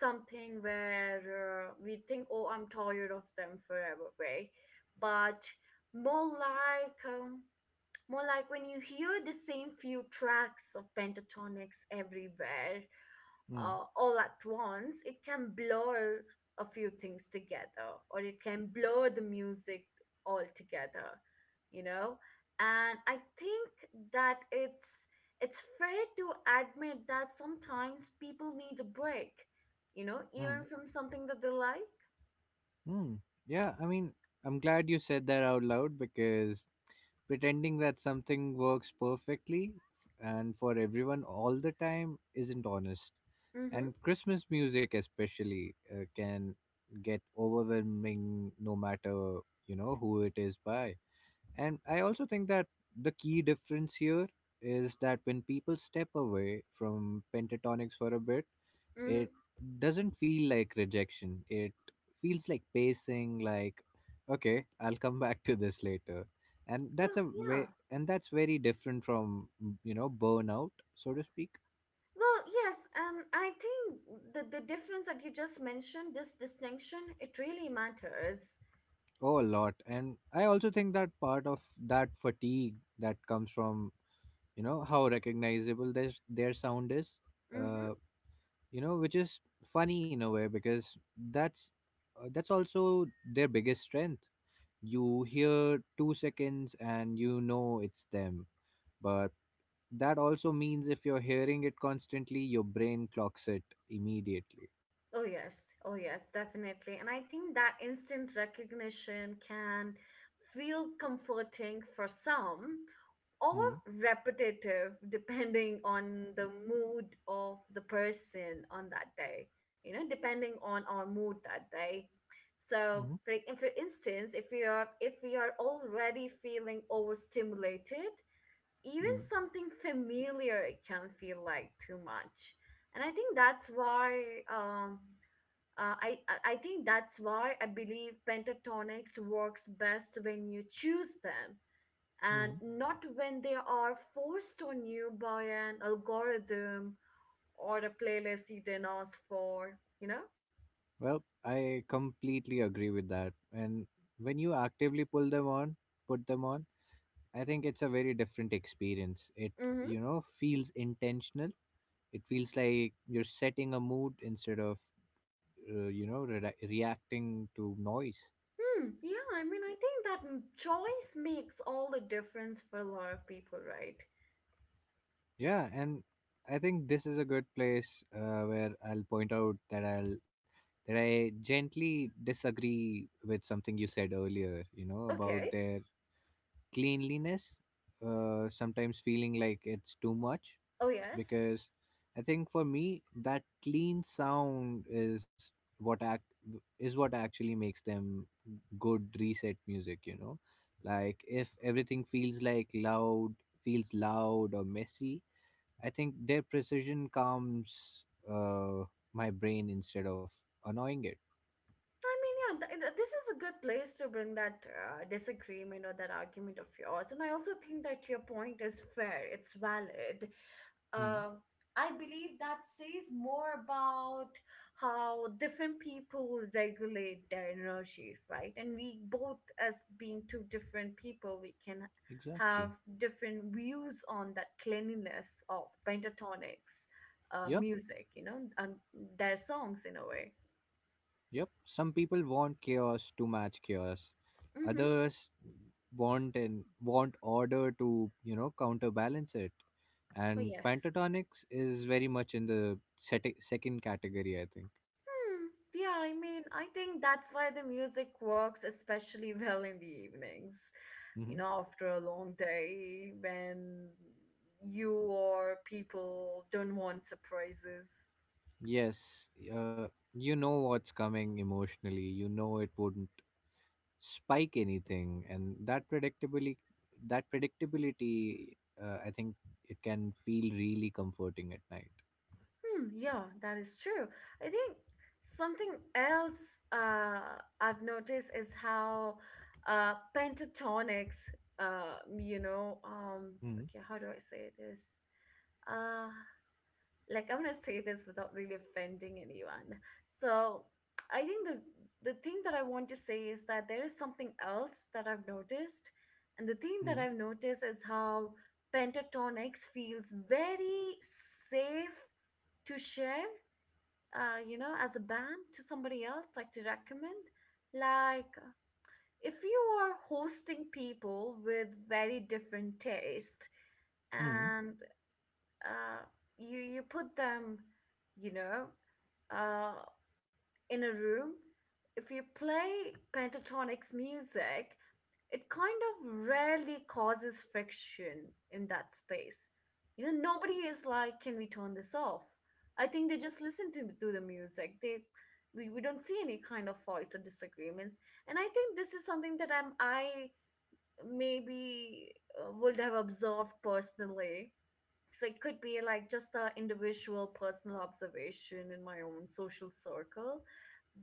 A: something where uh, we think, oh, I'm tired of them forever, way, but more like um, more like when you hear the same few tracks of pentatonics everywhere,
B: Mm,
A: uh, all at once. It can blur a few things together, or it can blur the music altogether, you know? And I think that it's it's fair to admit that sometimes people need a break, you know,
B: mm,
A: even from something that they like.
B: mm. Yeah, I mean, I'm glad you said that out loud because pretending that something works perfectly and for everyone all the time isn't honest.
A: Mm-hmm.
B: And Christmas music, especially, uh, can get overwhelming, no matter, you know, who it is by. And I also think that the key difference here is that when people step away from pentatonics for a bit,
A: Mm-hmm.
B: it doesn't feel like rejection. It feels like pacing, like, okay, I'll come back to this later. And that's
A: Well,
B: a
A: yeah.
B: way, and that's very different from, you know, burnout, so to speak.
A: Well, yes, and I think the the difference that you just mentioned, this distinction, it really matters.
B: Oh, a lot. And I also think that part of that fatigue that comes from, you know, how recognizable this, their sound is. Uh,
A: Mm-hmm.
B: you know, which is funny in a way because that's uh, that's also their biggest strength. You hear two seconds and you know it's them, but that also means if you're hearing it constantly, your brain clocks it immediately.
A: Oh, yes. Oh, yes, definitely. And I think that instant recognition can feel comforting for some or
B: Mm-hmm.
A: repetitive, depending on the mood of the person on that day, you know, depending on our mood that day. So, for, for instance, if we are if we are already feeling overstimulated, even
B: Mm-hmm.
A: something familiar can feel like too much. And I think that's why um, uh, I I I think that's why I believe pentatonics works best when you choose them and
B: Mm-hmm.
A: not when they are forced on you by an algorithm or a playlist you didn't ask for. You know.
B: Well, I completely agree with that. And when you actively pull them on put them on, I think it's a very different experience. It,
A: Mm-hmm.
B: you know, feels intentional. It feels like you're setting a mood instead of, uh, you know, re- reacting to noise.
A: Hmm. Yeah. I mean, I think that m- choice makes all the difference for a lot of people, right?
B: Yeah, and I think this is a good place uh, where I'll point out that I'll that I gently disagree with something you said earlier. You know, about
A: Okay.
B: their cleanliness uh, sometimes feeling like it's too much,
A: Oh yes.
B: because I think for me that clean sound is what act is what actually makes them good reset music, you know, like if everything feels like loud feels loud or messy, I think their precision calms uh, my brain instead of annoying it.
A: I mean, yeah, th- th- this is a good place to bring that uh, disagreement or that argument of yours. And I also think that your point is fair, it's valid.
B: Hmm.
A: Uh, I believe that says more about how different people regulate their energy, right? And we both, as being two different people, we can have
B: Exactly.
A: different views on that cleanliness of pentatonics uh,
B: Yep.
A: music, you know, and their songs in a way.
B: Yep, some people want chaos to match chaos,
A: Mm-hmm.
B: others want and want order to, you know, counterbalance it.
A: Oh,
B: And
A: yes.
B: pentatonics is very much in the seti- second category, I think.
A: Hmm. Yeah, I mean, I think that's why the music works especially well in the evenings. You
B: Hmm.
A: know, after a long day when you or people don't want surprises.
B: Yes, uh, you know what's coming emotionally, you know, it wouldn't spike anything. And that predictably that predictability, uh, I think, it can feel really comforting at night.
A: Hmm, yeah, that is true. I think something else uh, I've noticed is how uh, pentatonics, uh, you know, um, okay, how do I say this? Uh, like I'm gonna say this without really offending anyone. So I think the the thing that I want to say is that there is something else that I've noticed, and the thing that
B: Mm-hmm.
A: I've noticed is how Pentatonix feels very safe to share, uh, you know, as a band to somebody else, like to recommend. Like if you are hosting people with very different taste, and uh, you you put them, you know, uh, in a room. If you play pentatonics music, it kind of rarely causes friction in that space. You know, nobody is like, "Can we turn this off?" I think they just listen to, to the music. They we, we don't see any kind of fights or disagreements. And I think this is something that I'm I maybe uh, would have observed personally, so it could be like just a individual personal observation in my own social circle.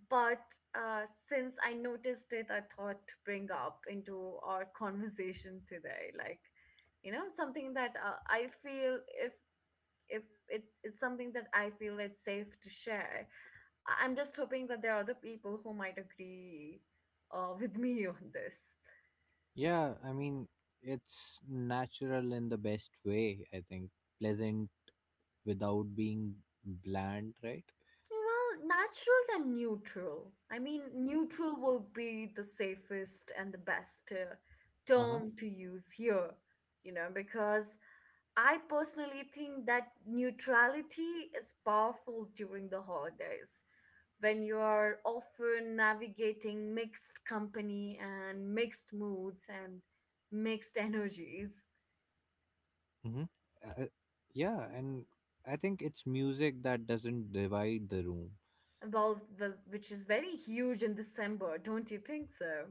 A: But uh, since I noticed it, I thought to bring up into our conversation today. Like you know something that uh, I feel, if if it, it's something that I feel it's safe to share. I- I'm just hoping that there are other people who might agree uh, with me on this.
B: Yeah, I mean, it's natural in the best way, I think. Pleasant without being bland, right?
A: Well, natural and neutral. I mean, neutral will be the safest and the best uh,
B: Uh-huh.
A: term to use here, you know, because I personally think that neutrality is powerful during the holidays when you are often navigating mixed company and mixed moods and mixed energies.
B: Mm-hmm. Uh, yeah, and I think it's music that doesn't divide the room.
A: Well, the, which is very huge in December, don't you think so?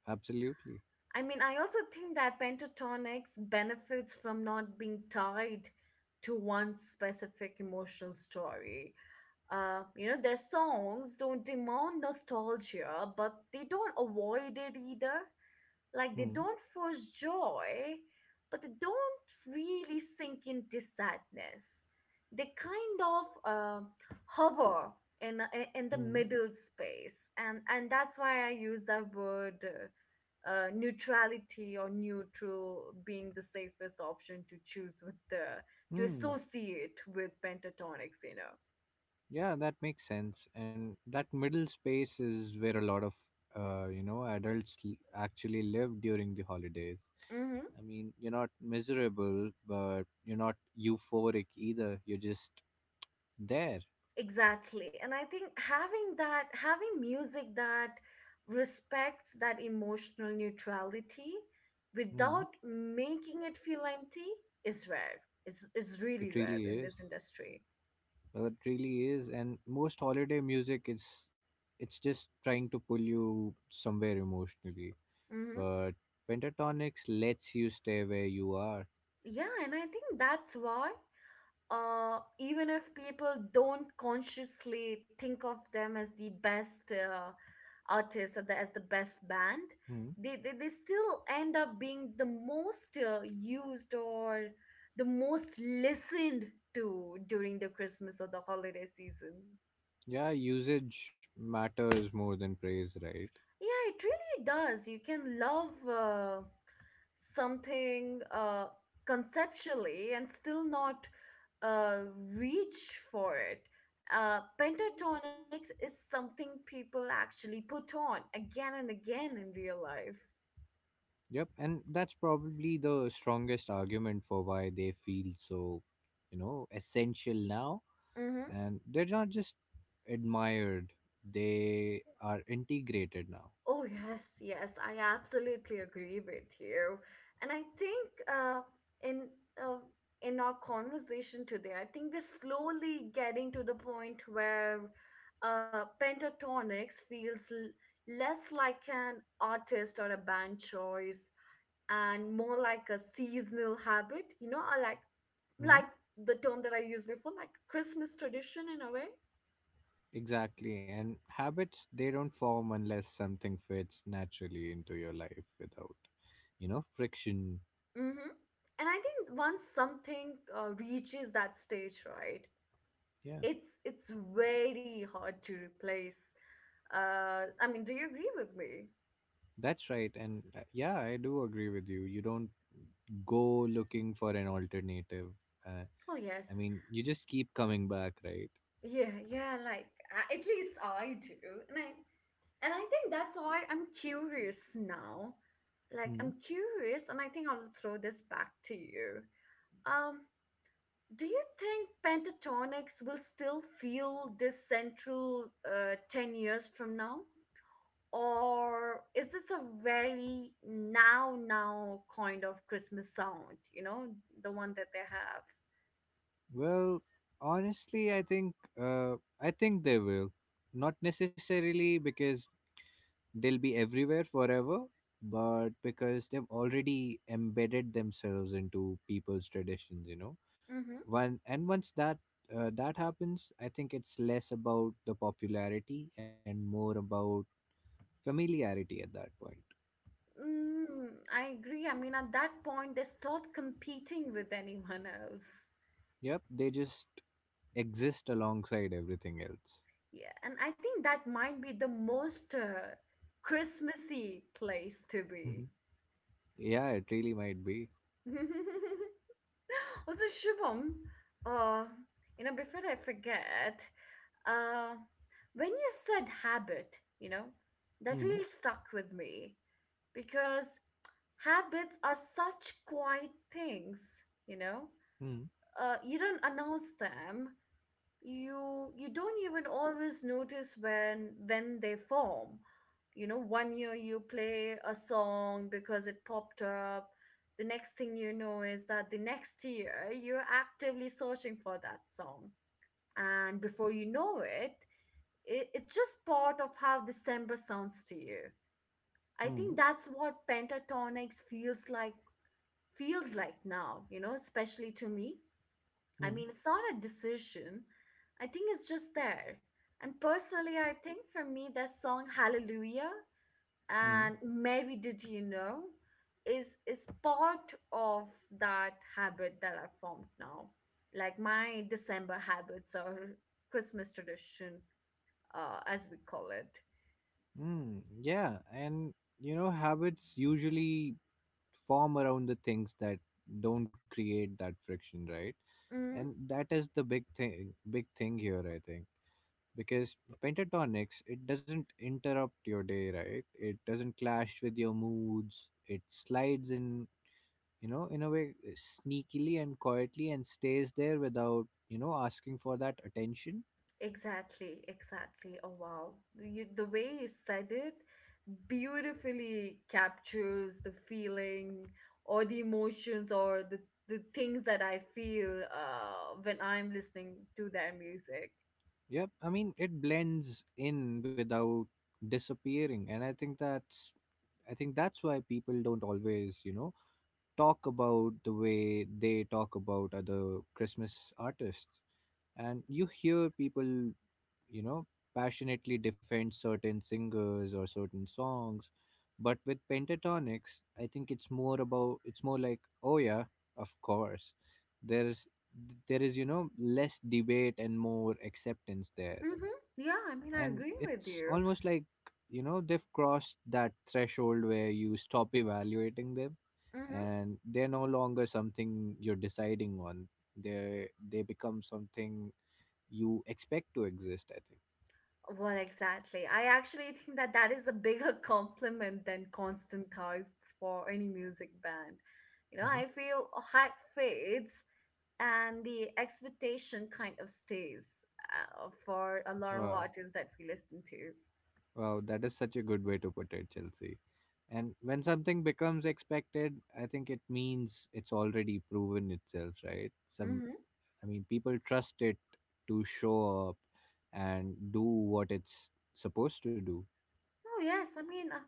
B: Absolutely.
A: I mean, I also think that pentatonics benefits from not being tied to one specific emotional story. Uh, you know, their songs don't demand nostalgia, but they don't avoid it either. Like they
B: Hmm.
A: don't force joy, but they don't really sink into sadness. They kind of uh, hover in in the
B: Hmm.
A: middle space, and and that's why I use that word. Uh, uh, neutrality or neutral being the safest option to choose with the to
B: Hmm.
A: associate with pentatonics you know
B: Yeah, that makes sense. And that middle space is where a lot of, uh, you know, adults l- actually live during the holidays.
A: Mm-hmm.
B: I mean, you're not miserable, but you're not euphoric either. You're just there.
A: Exactly. And I think having that, having music that respects that emotional neutrality
B: Mm,
A: without making it feel empty is rare. Is is really
B: it
A: rare
B: really
A: in
B: is.
A: this industry.
B: Well, it really is, and most holiday music, it's it's just trying to pull you somewhere emotionally,
A: Hmm.
B: but pentatonics lets you stay where you are.
A: Yeah, and I think that's why uh, even if people don't consciously think of them as the best uh, artist or the, as the best band,
B: Mm.
A: they, they, they still end up being the most uh, used or the most listened to during the Christmas or the holiday season.
B: Yeah, usage matters more than praise, right?
A: Yeah, it really does. You can love. Uh, something uh, conceptually and still not uh, reach for it. Uh, Pentatonics is something people actually put on again and again in real life.
B: Yep, and that's probably the strongest argument for why they feel so, you know, essential now. And they're not just admired, they are integrated now.
A: Oh, yes, yes, I absolutely agree with you. And I think uh, in uh, in our conversation today, I think we're slowly getting to the point where uh, pentatonics feels l- less like an artist or a band choice and more like a seasonal habit. You know, I like like the term that I used before, like Christmas tradition in a way.
B: Exactly. And habits, they don't form unless something fits naturally into your life without, you know, friction.
A: Mm-hmm. And I think once something uh, reaches that stage, right?
B: Yeah,
A: It's it's very hard to replace. Uh, I mean, do you agree with me?
B: that's right. And uh, yeah, I do agree with you. You don't go looking for an alternative. Uh,
A: Oh,
B: I
A: yes.
B: mean, you just keep coming back, right?
A: Yeah, yeah, like a- at least I do. And I and I think that's why I'm curious now. Like I'm
B: Hmm.
A: curious and I think I will throw this back to you. Um do you think pentatonics will still feel this central uh, ten years from now? Or is this a very now now kind of Christmas sound, you know, the one that they have.
B: Well, honestly, I think, uh, I think they will. Not necessarily because they'll be everywhere forever, but because they've already embedded themselves into people's traditions, you know.
A: Mm-hmm.
B: One and Once that uh, that happens, I think it's less about the popularity and more about familiarity at that point.
A: mm, I agree. I mean, at that point they stopped competing with anyone else.
B: Yep, they just exist alongside everything else.
A: Yeah, and I think that might be the most uh, Christmassy place to
B: Mhm.
A: be.
B: Yeah, it really might be.
A: Also, Shubham, uh you know before I forget, Uh, when you said habit, you know, that
B: Mm,
A: really stuck with me because habits are such quiet things, you know.
B: mm,
A: Uh, you don't announce them. You you don't even always notice when when they form. You know, one year you play a song because it popped up. The next thing you know is that the next year you're actively searching for that song, and before you know it it, it's just part of how December sounds to you. I think
B: mm,
A: that's what pentatonics feels like feels like now, you know, especially to me. I
B: mm,
A: mean, it's not a decision. I think it's just there. And personally, I think for me that song Hallelujah
B: mm,
A: and Mary Did You Know is is part of that habit that I formed now. Like my December habits or Christmas tradition, uh, as we call it.
B: mm. Yeah, and you know, habits usually form around the things that don't create that friction, right?
A: Mm.
B: And that is the big thing big thing here, I think, because pentatonics, it doesn't interrupt your day, right? It doesn't clash with your moods. It slides in, you know, in a way, eh, sneakily and quietly, and stays there without, you know, asking for that attention.
A: Exactly, exactly. Oh wow. You, the way you said it beautifully captures the feeling or the emotions or the, the things that I feel uh, when I'm listening to their music.
B: Yep, I mean, it blends in without disappearing. And I think that's, i think that's why people don't always, you know, talk about the way they talk about other Christmas artists. And you hear people, you know, passionately defend certain singers or certain songs. But with pentatonics, I think it's more about, it's more like, oh yeah, of course. There's there is, you know, less debate and more acceptance there.
A: Mm-hmm. Yeah, I mean, I
B: And
A: agree with
B: it's
A: you.
B: almost like, you know, they've crossed that threshold where you stop evaluating them,
A: Mm-hmm.
B: and they're no longer something you're deciding on. They they become something you expect to exist, I think.
A: Well, exactly. I actually think that that is a bigger compliment than constant hype for any music band. You know, I
B: Mhm.
A: feel hype fades and the expectation kind of stays uh, for a lot of
B: Wow.
A: artists that we listen to.
B: Wow, that is such a good way to put it, Chelsea. And when something becomes expected, I think it means it's already proven itself, right? Some,
A: Mm-hmm.
B: I mean, people trust it to show up and do what it's supposed to do.
A: Oh, yes. I mean, uh,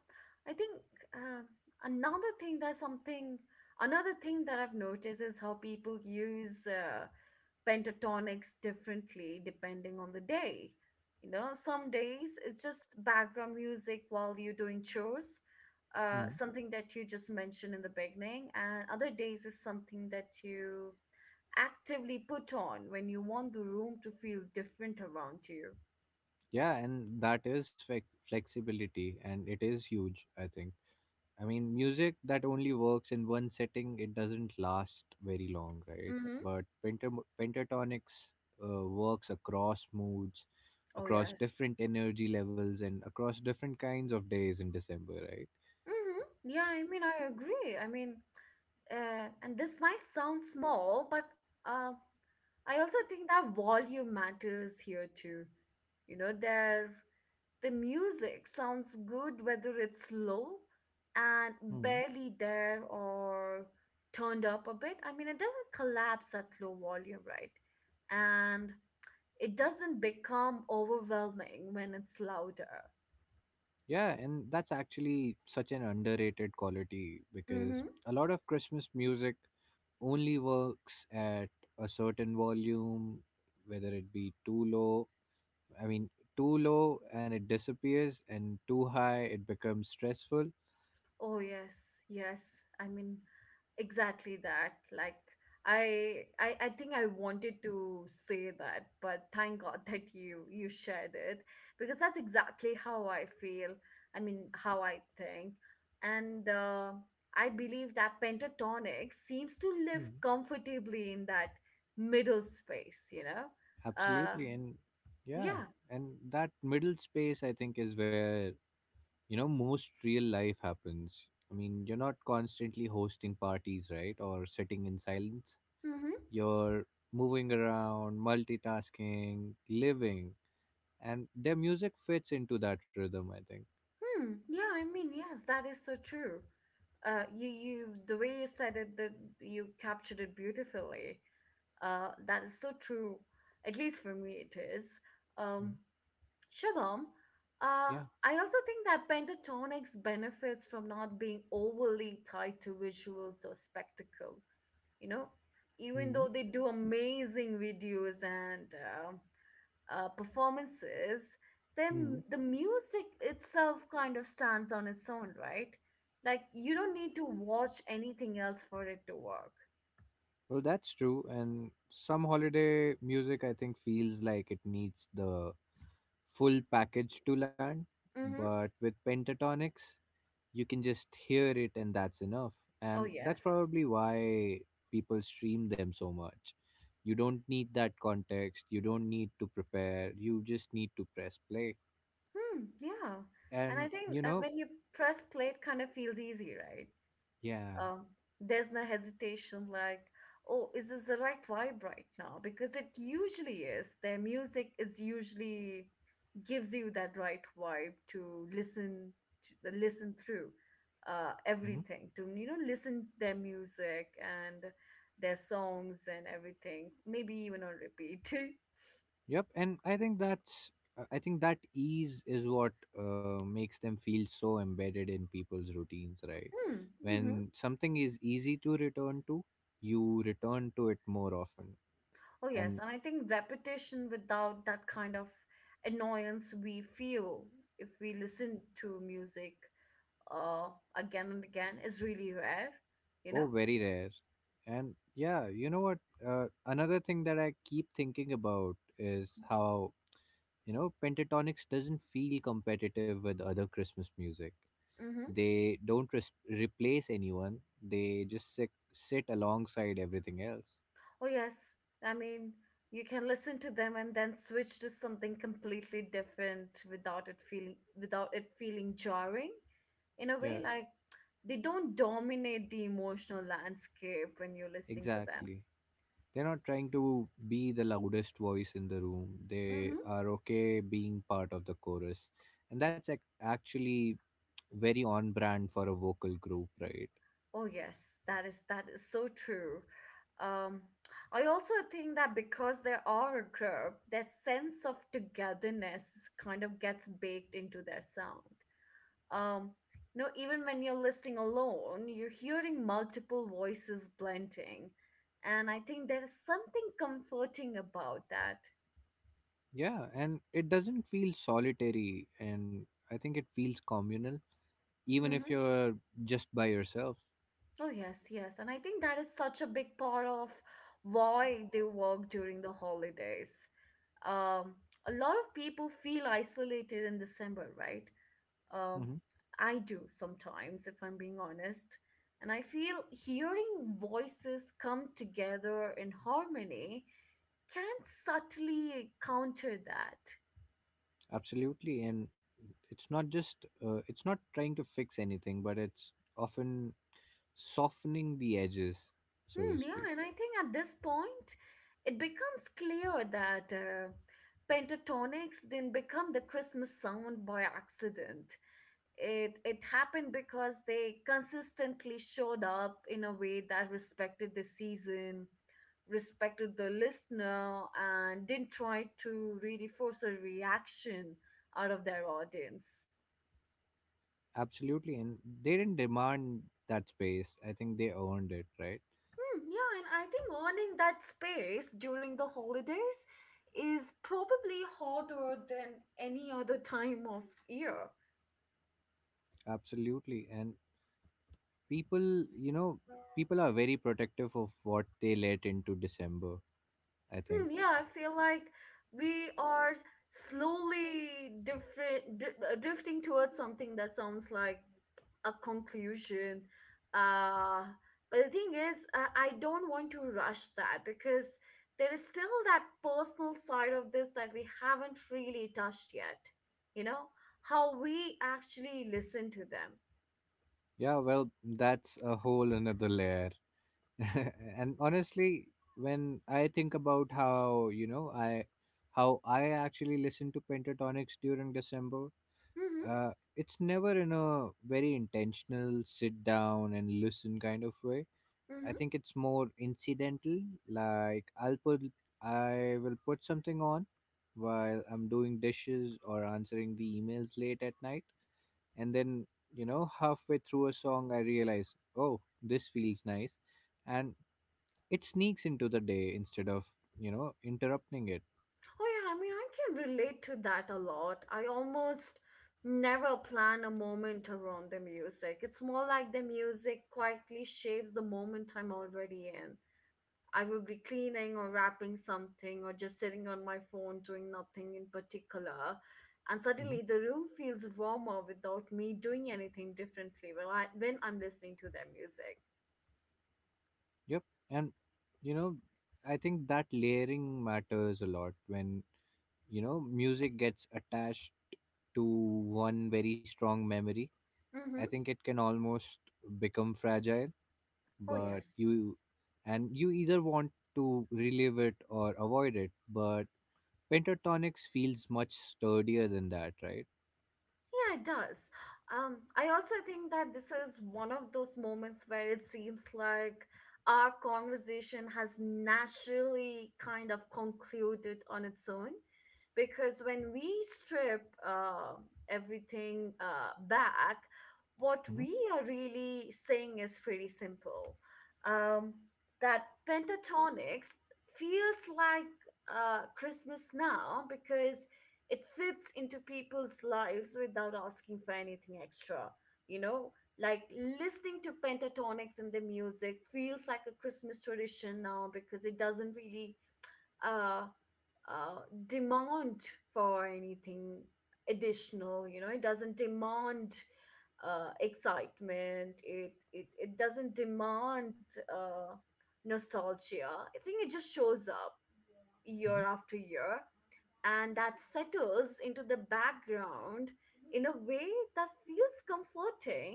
A: I think uh, another thing that's something, another thing that I've noticed is how people use uh, pentatonics differently depending on the day. You know, some days it's just background music while you're doing chores, uh,
B: Hmm.
A: something that you just mentioned in the beginning, and other days is something that you actively put on when you want the room to feel different around you.
B: Yeah, and that is flex- flexibility, and it is huge, I think. I mean, music that only works in one setting, it doesn't last very long, right?
A: Mm-hmm.
B: But pentam- pentatonics uh, works across moods,
A: Oh,
B: across
A: yes.
B: different energy levels, and across different kinds of days in December, right?
A: Mm-hmm. Yeah, I mean, I agree. I mean, uh, and this might sound small, but uh, I also think that volume matters here too. You know, their the music sounds good whether it's low and
B: Hmm.
A: barely there or turned up a bit. I mean, it doesn't collapse at low volume, right? And it doesn't become overwhelming when it's louder.
B: Yeah, and that's actually such an underrated quality because
A: Mm-hmm.
B: a lot of Christmas music only works at a certain volume, whether it be too low I mean, too low and it disappears, and too high it becomes stressful.
A: Oh yes, yes. I mean, exactly that, like I, I i think I wanted to say that, but thank god that you you shared it because that's exactly how I feel, I mean how I think. And uh, I believe that pentatonic seems to live
B: Hmm.
A: comfortably in that middle space you know uh
B: Absolutely. And yeah,
A: yeah.
B: and that middle space, I think, is where, you know, most real life happens. I mean, you're not constantly hosting parties, right? Or sitting in silence.
A: Mm-hmm.
B: You're moving around, multitasking, living. And their music fits into that rhythm, I think.
A: Hmm yeah, I mean, yes, that is so true. Uh you, you the way you said it, that you captured it beautifully. Uh, that is so true. At least for me, it is. Um,
B: Mm.
A: Shabam,
B: Yeah.
A: uh, I also think that pentatonics benefits from not being overly tied to visuals or spectacle. You know, even though they do amazing videos and um uh, performances,
B: Hmm.
A: then the music itself kind of stands on its own, right? Like you don't need to watch anything else for it to work.
B: Well, that's true. And some holiday music, I think, feels like it needs the full package to land.
A: Mm-hmm.
B: But with pentatonics, you can just hear it, and that's enough.
A: Oh
B: And that's
A: yes.
B: probably why people stream them so much. You don't need that context. You don't need to prepare. You just need to press play.
A: Hmm, yeah. And
B: And,
A: I
B: you
A: think uh,
B: know,
A: when you press play, it kind of feels easy, right?
B: yeah.
A: Um, there's no hesitation, like, oh, is this the right vibe right now? Because it usually is. Their music is usually gives you that right vibe to listen to, uh, listen through uh,
B: Mm-hmm.
A: everything, to you know, listen their music and their songs and everything, maybe even on repeat.
B: Yep, and I think that's uh, I think that ease is what uh, makes them feel so embedded in people's routines, right?
A: Hmm. Mhm.
B: When something is easy to return to, you return to it more often,
A: Oh, yes.
B: and
A: And I think repetition without that kind of annoyance we feel if we listen to music uh, again and again is really rare, you
B: oh,
A: know?
B: very rare. And yeah, you know what? Uh, another thing that I keep thinking about is how, you know, Pentatonics doesn't feel competitive with other Christmas music.
A: Mm-hmm.
B: They don't res- replace anyone, they just sit, sit alongside everything else.
A: Oh, yes. I mean, you can listen to them and then switch to something completely different without it feeling without it feeling jarring in a
B: Yeah,
A: way, like they don't dominate the emotional landscape when you're listening to them.
B: exactly. They're not trying to be the loudest voice in the room, they
A: Mm-hmm.
B: are okay being part of the chorus. And that's ac- actually very on brand for a vocal group, right?
A: Oh yes, that is that is so true. Um, I also think that because they are a group, their sense of togetherness kind of gets baked into their sound. Um, you know, even when you're listening alone, you're hearing multiple voices blending, and I think there is something comforting about that.
B: Yeah, and it doesn't feel solitary, and I think it feels communal, even if
A: Mm-hmm.
B: you're just by yourself.
A: Oh yes, yes, and I think that is such a big part of why they work during the holidays. um, a lot of people feel isolated in December, right? Um,
B: Mm-hmm.
A: I do sometimes, if I'm being honest. And I feel hearing voices come together in harmony can subtly counter that.
B: Absolutely, and it's not just uh, it's not trying to fix anything, but it's often softening the edges, so to
A: Hmm, yeah,
B: speak.
A: and I think at this point it becomes clear that uh, pentatonics didn't become the Christmas sound by accident. it it happened because they consistently showed up in a way that respected the season, respected the listener, and didn't try to really force a reaction out of their audience.
B: Absolutely, and they didn't demand that space. I think they earned it, right?
A: Hmm, yeah, and I think owning that space during the holidays is probably harder than any other time of year.
B: Absolutely, and people, you know, people are very protective of what they let into December. I think.
A: Hmm, yeah, I feel like we are slowly different, di- uh, drifting towards something that sounds like a conclusion. Uh, but the thing is, uh, I don't want to rush that because there is still that personal side of this that we haven't really touched yet. You know, how we actually listen to them.
B: Yeah, well, that's a whole another layer. And honestly, when I think about how, you know, I how I actually listen to Pentatonics during December,
A: Mm-hmm,
B: uh, it's never in a very intentional sit down and listen kind of way. I
A: mm-hmm.
B: think it's more incidental. Like, i'll put I will put something on while I'm doing dishes or answering the emails late at night, and then, you know, halfway through a song I realize, oh, this feels nice. And it sneaks into the day instead of, you know, interrupting it.
A: Oh yeah, I mean, I can relate to that a lot. I almost never plan a moment around the music. It's more like the music quietly shapes the moment I'm already in. I will be cleaning or wrapping something or just sitting on my phone doing nothing in particular. And
B: Hmm.
A: suddenly the room feels warmer without me doing anything differently when, I, when I'm listening to their music.
B: Yep. And, you know, I think that layering matters a lot. When, you know, music gets attached to one very strong memory, I
A: Mm-hmm.
B: think it can almost become fragile.
A: Oh,
B: But
A: yes.
B: you And you either want to relive it or avoid it, but Pentatonics feels much sturdier than that, right?
A: Yeah, it does. Um, I also think that this is one of those moments where it seems like our conversation has naturally kind of concluded on its own. Because when we strip uh, everything uh, back, what
B: Hmm.
A: we are really saying is pretty simple. Um, that pentatonics feels like uh, Christmas now because it fits into people's lives without asking for anything extra, you know, like listening to pentatonics and the music feels like a Christmas tradition now because it doesn't really uh, uh demand for anything additional, you know, it doesn't demand uh excitement, it it, it doesn't demand uh nostalgia. I think it just shows up year after year, and that settles into the background in a way that feels comforting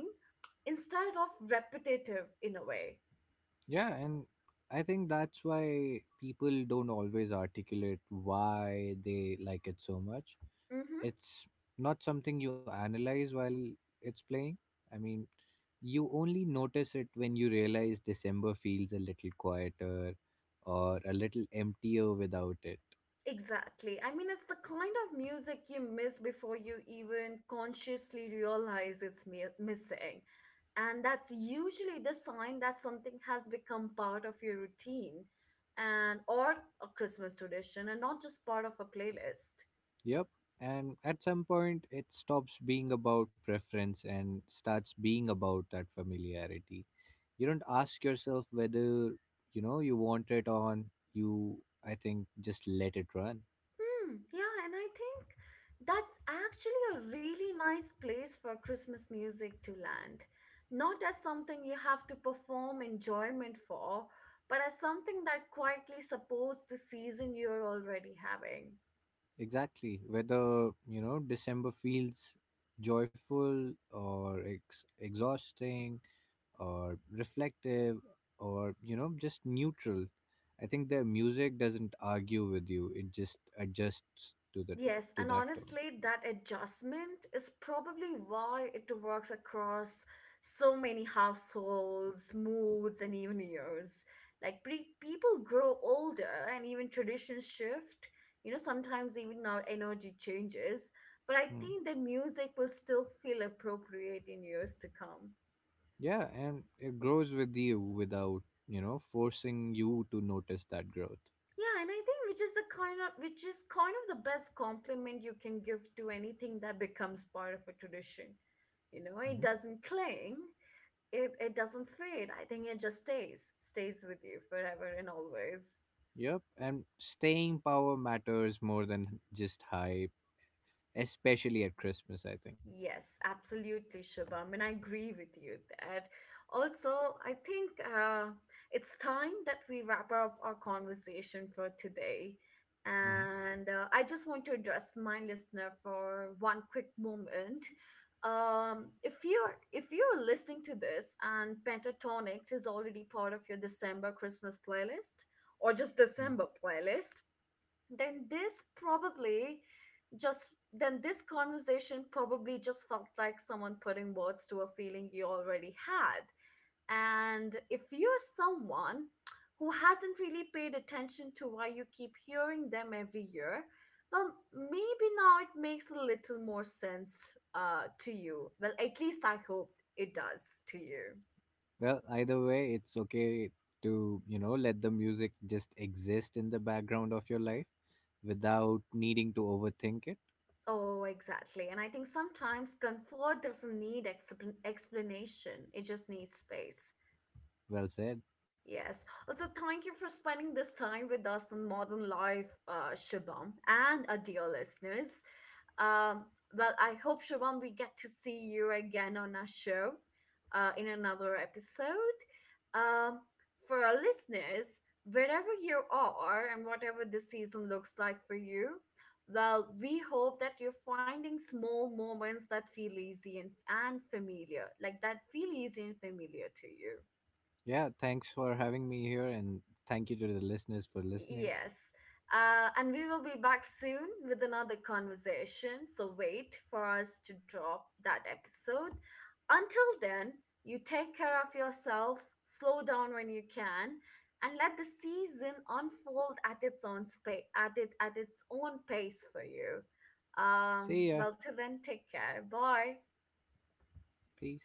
A: instead of repetitive in a way.
B: Yeah, and I think that's why people don't always articulate why they like it so much.
A: Mm-hmm.
B: It's not something you analyze while it's playing. I mean, you only notice it when you realize December feels a little quieter or a little emptier without it.
A: Exactly. I mean, it's the kind of music you miss before you even consciously realize it's mi- missing. And that's usually the sign that something has become part of your routine and or a Christmas tradition, and not just part of a playlist.
B: Yep. And at some point, it stops being about preference and starts being about that familiarity. You don't ask yourself whether, you know, you want it on. You, I think, just let it run.
A: Hmm, yeah, and I think that's actually a really nice place for Christmas music to land. Not as something you have to perform enjoyment for, but as something that quietly supports the season you're already having.
B: Exactly. Whether, you know, December feels joyful or ex- exhausting or reflective or, you know, just neutral, I think their music doesn't argue with you, it just adjusts to the t-
A: Yes,
B: to
A: and
B: that tone.
A: honestly, that adjustment is probably why it works across so many households, moods, and even years. Like pre- people grow older and even traditions shift. You know, sometimes even our energy changes, but I
B: Hmm.
A: think the music will still feel appropriate in years to come.
B: Yeah, and it grows with you without, you know, forcing you to notice that growth.
A: Yeah, and I think which is the kind of which is kind of the best compliment you can give to anything that becomes part of a tradition, you know,
B: Mm-hmm.
A: it doesn't cling. It it doesn't fade. I think it just stays, stays with you forever and always.
B: Yep, and staying power matters more than just hype, especially at Christmas, I think.
A: Yes, absolutely, Shubham, and I agree with you that. Also, I think uh, it's time that we wrap up our conversation for today.
B: Mhm.
A: And uh, I just want to address my listener for one quick moment. Um, if you're if you're listening to this and Pentatonics is already part of your December Christmas playlist, or just December
B: Mm.
A: playlist, then this probably just then this conversation probably just felt like someone putting words to a feeling you already had. And if you're someone who hasn't really paid attention to why you keep hearing them every year, well, maybe now it makes a little more sense uh to you, well, at least I hope it does to you.
B: Well, either way, it's okay to, you know, let the music just exist in the background of your life without needing to overthink it.
A: Oh, exactly. And I think sometimes comfort doesn't need expl- explanation, it just needs space.
B: Well said.
A: Yes. Also, thank you for spending this time with us on Modern Life, uh, Shubham, and our dear listeners. Um, well, I hope, Shubham, we get to see you again on our show uh, in another episode. Um, for our listeners, wherever you are and whatever this season looks like for you, well, we hope that you're finding small moments that feel easy and, and familiar, like that feel easy and familiar to you.
B: Yeah, thanks for having me here, and thank you to the listeners for listening.
A: Yes. Uh, and we will be back soon with another conversation. So wait for us to drop that episode. Until then, you take care of yourself, slow down when you can, and let the season unfold at its own spa- at it at its own pace for you.
B: See
A: Um,
B: ya.
A: well, till then, take care. Bye.
B: Peace.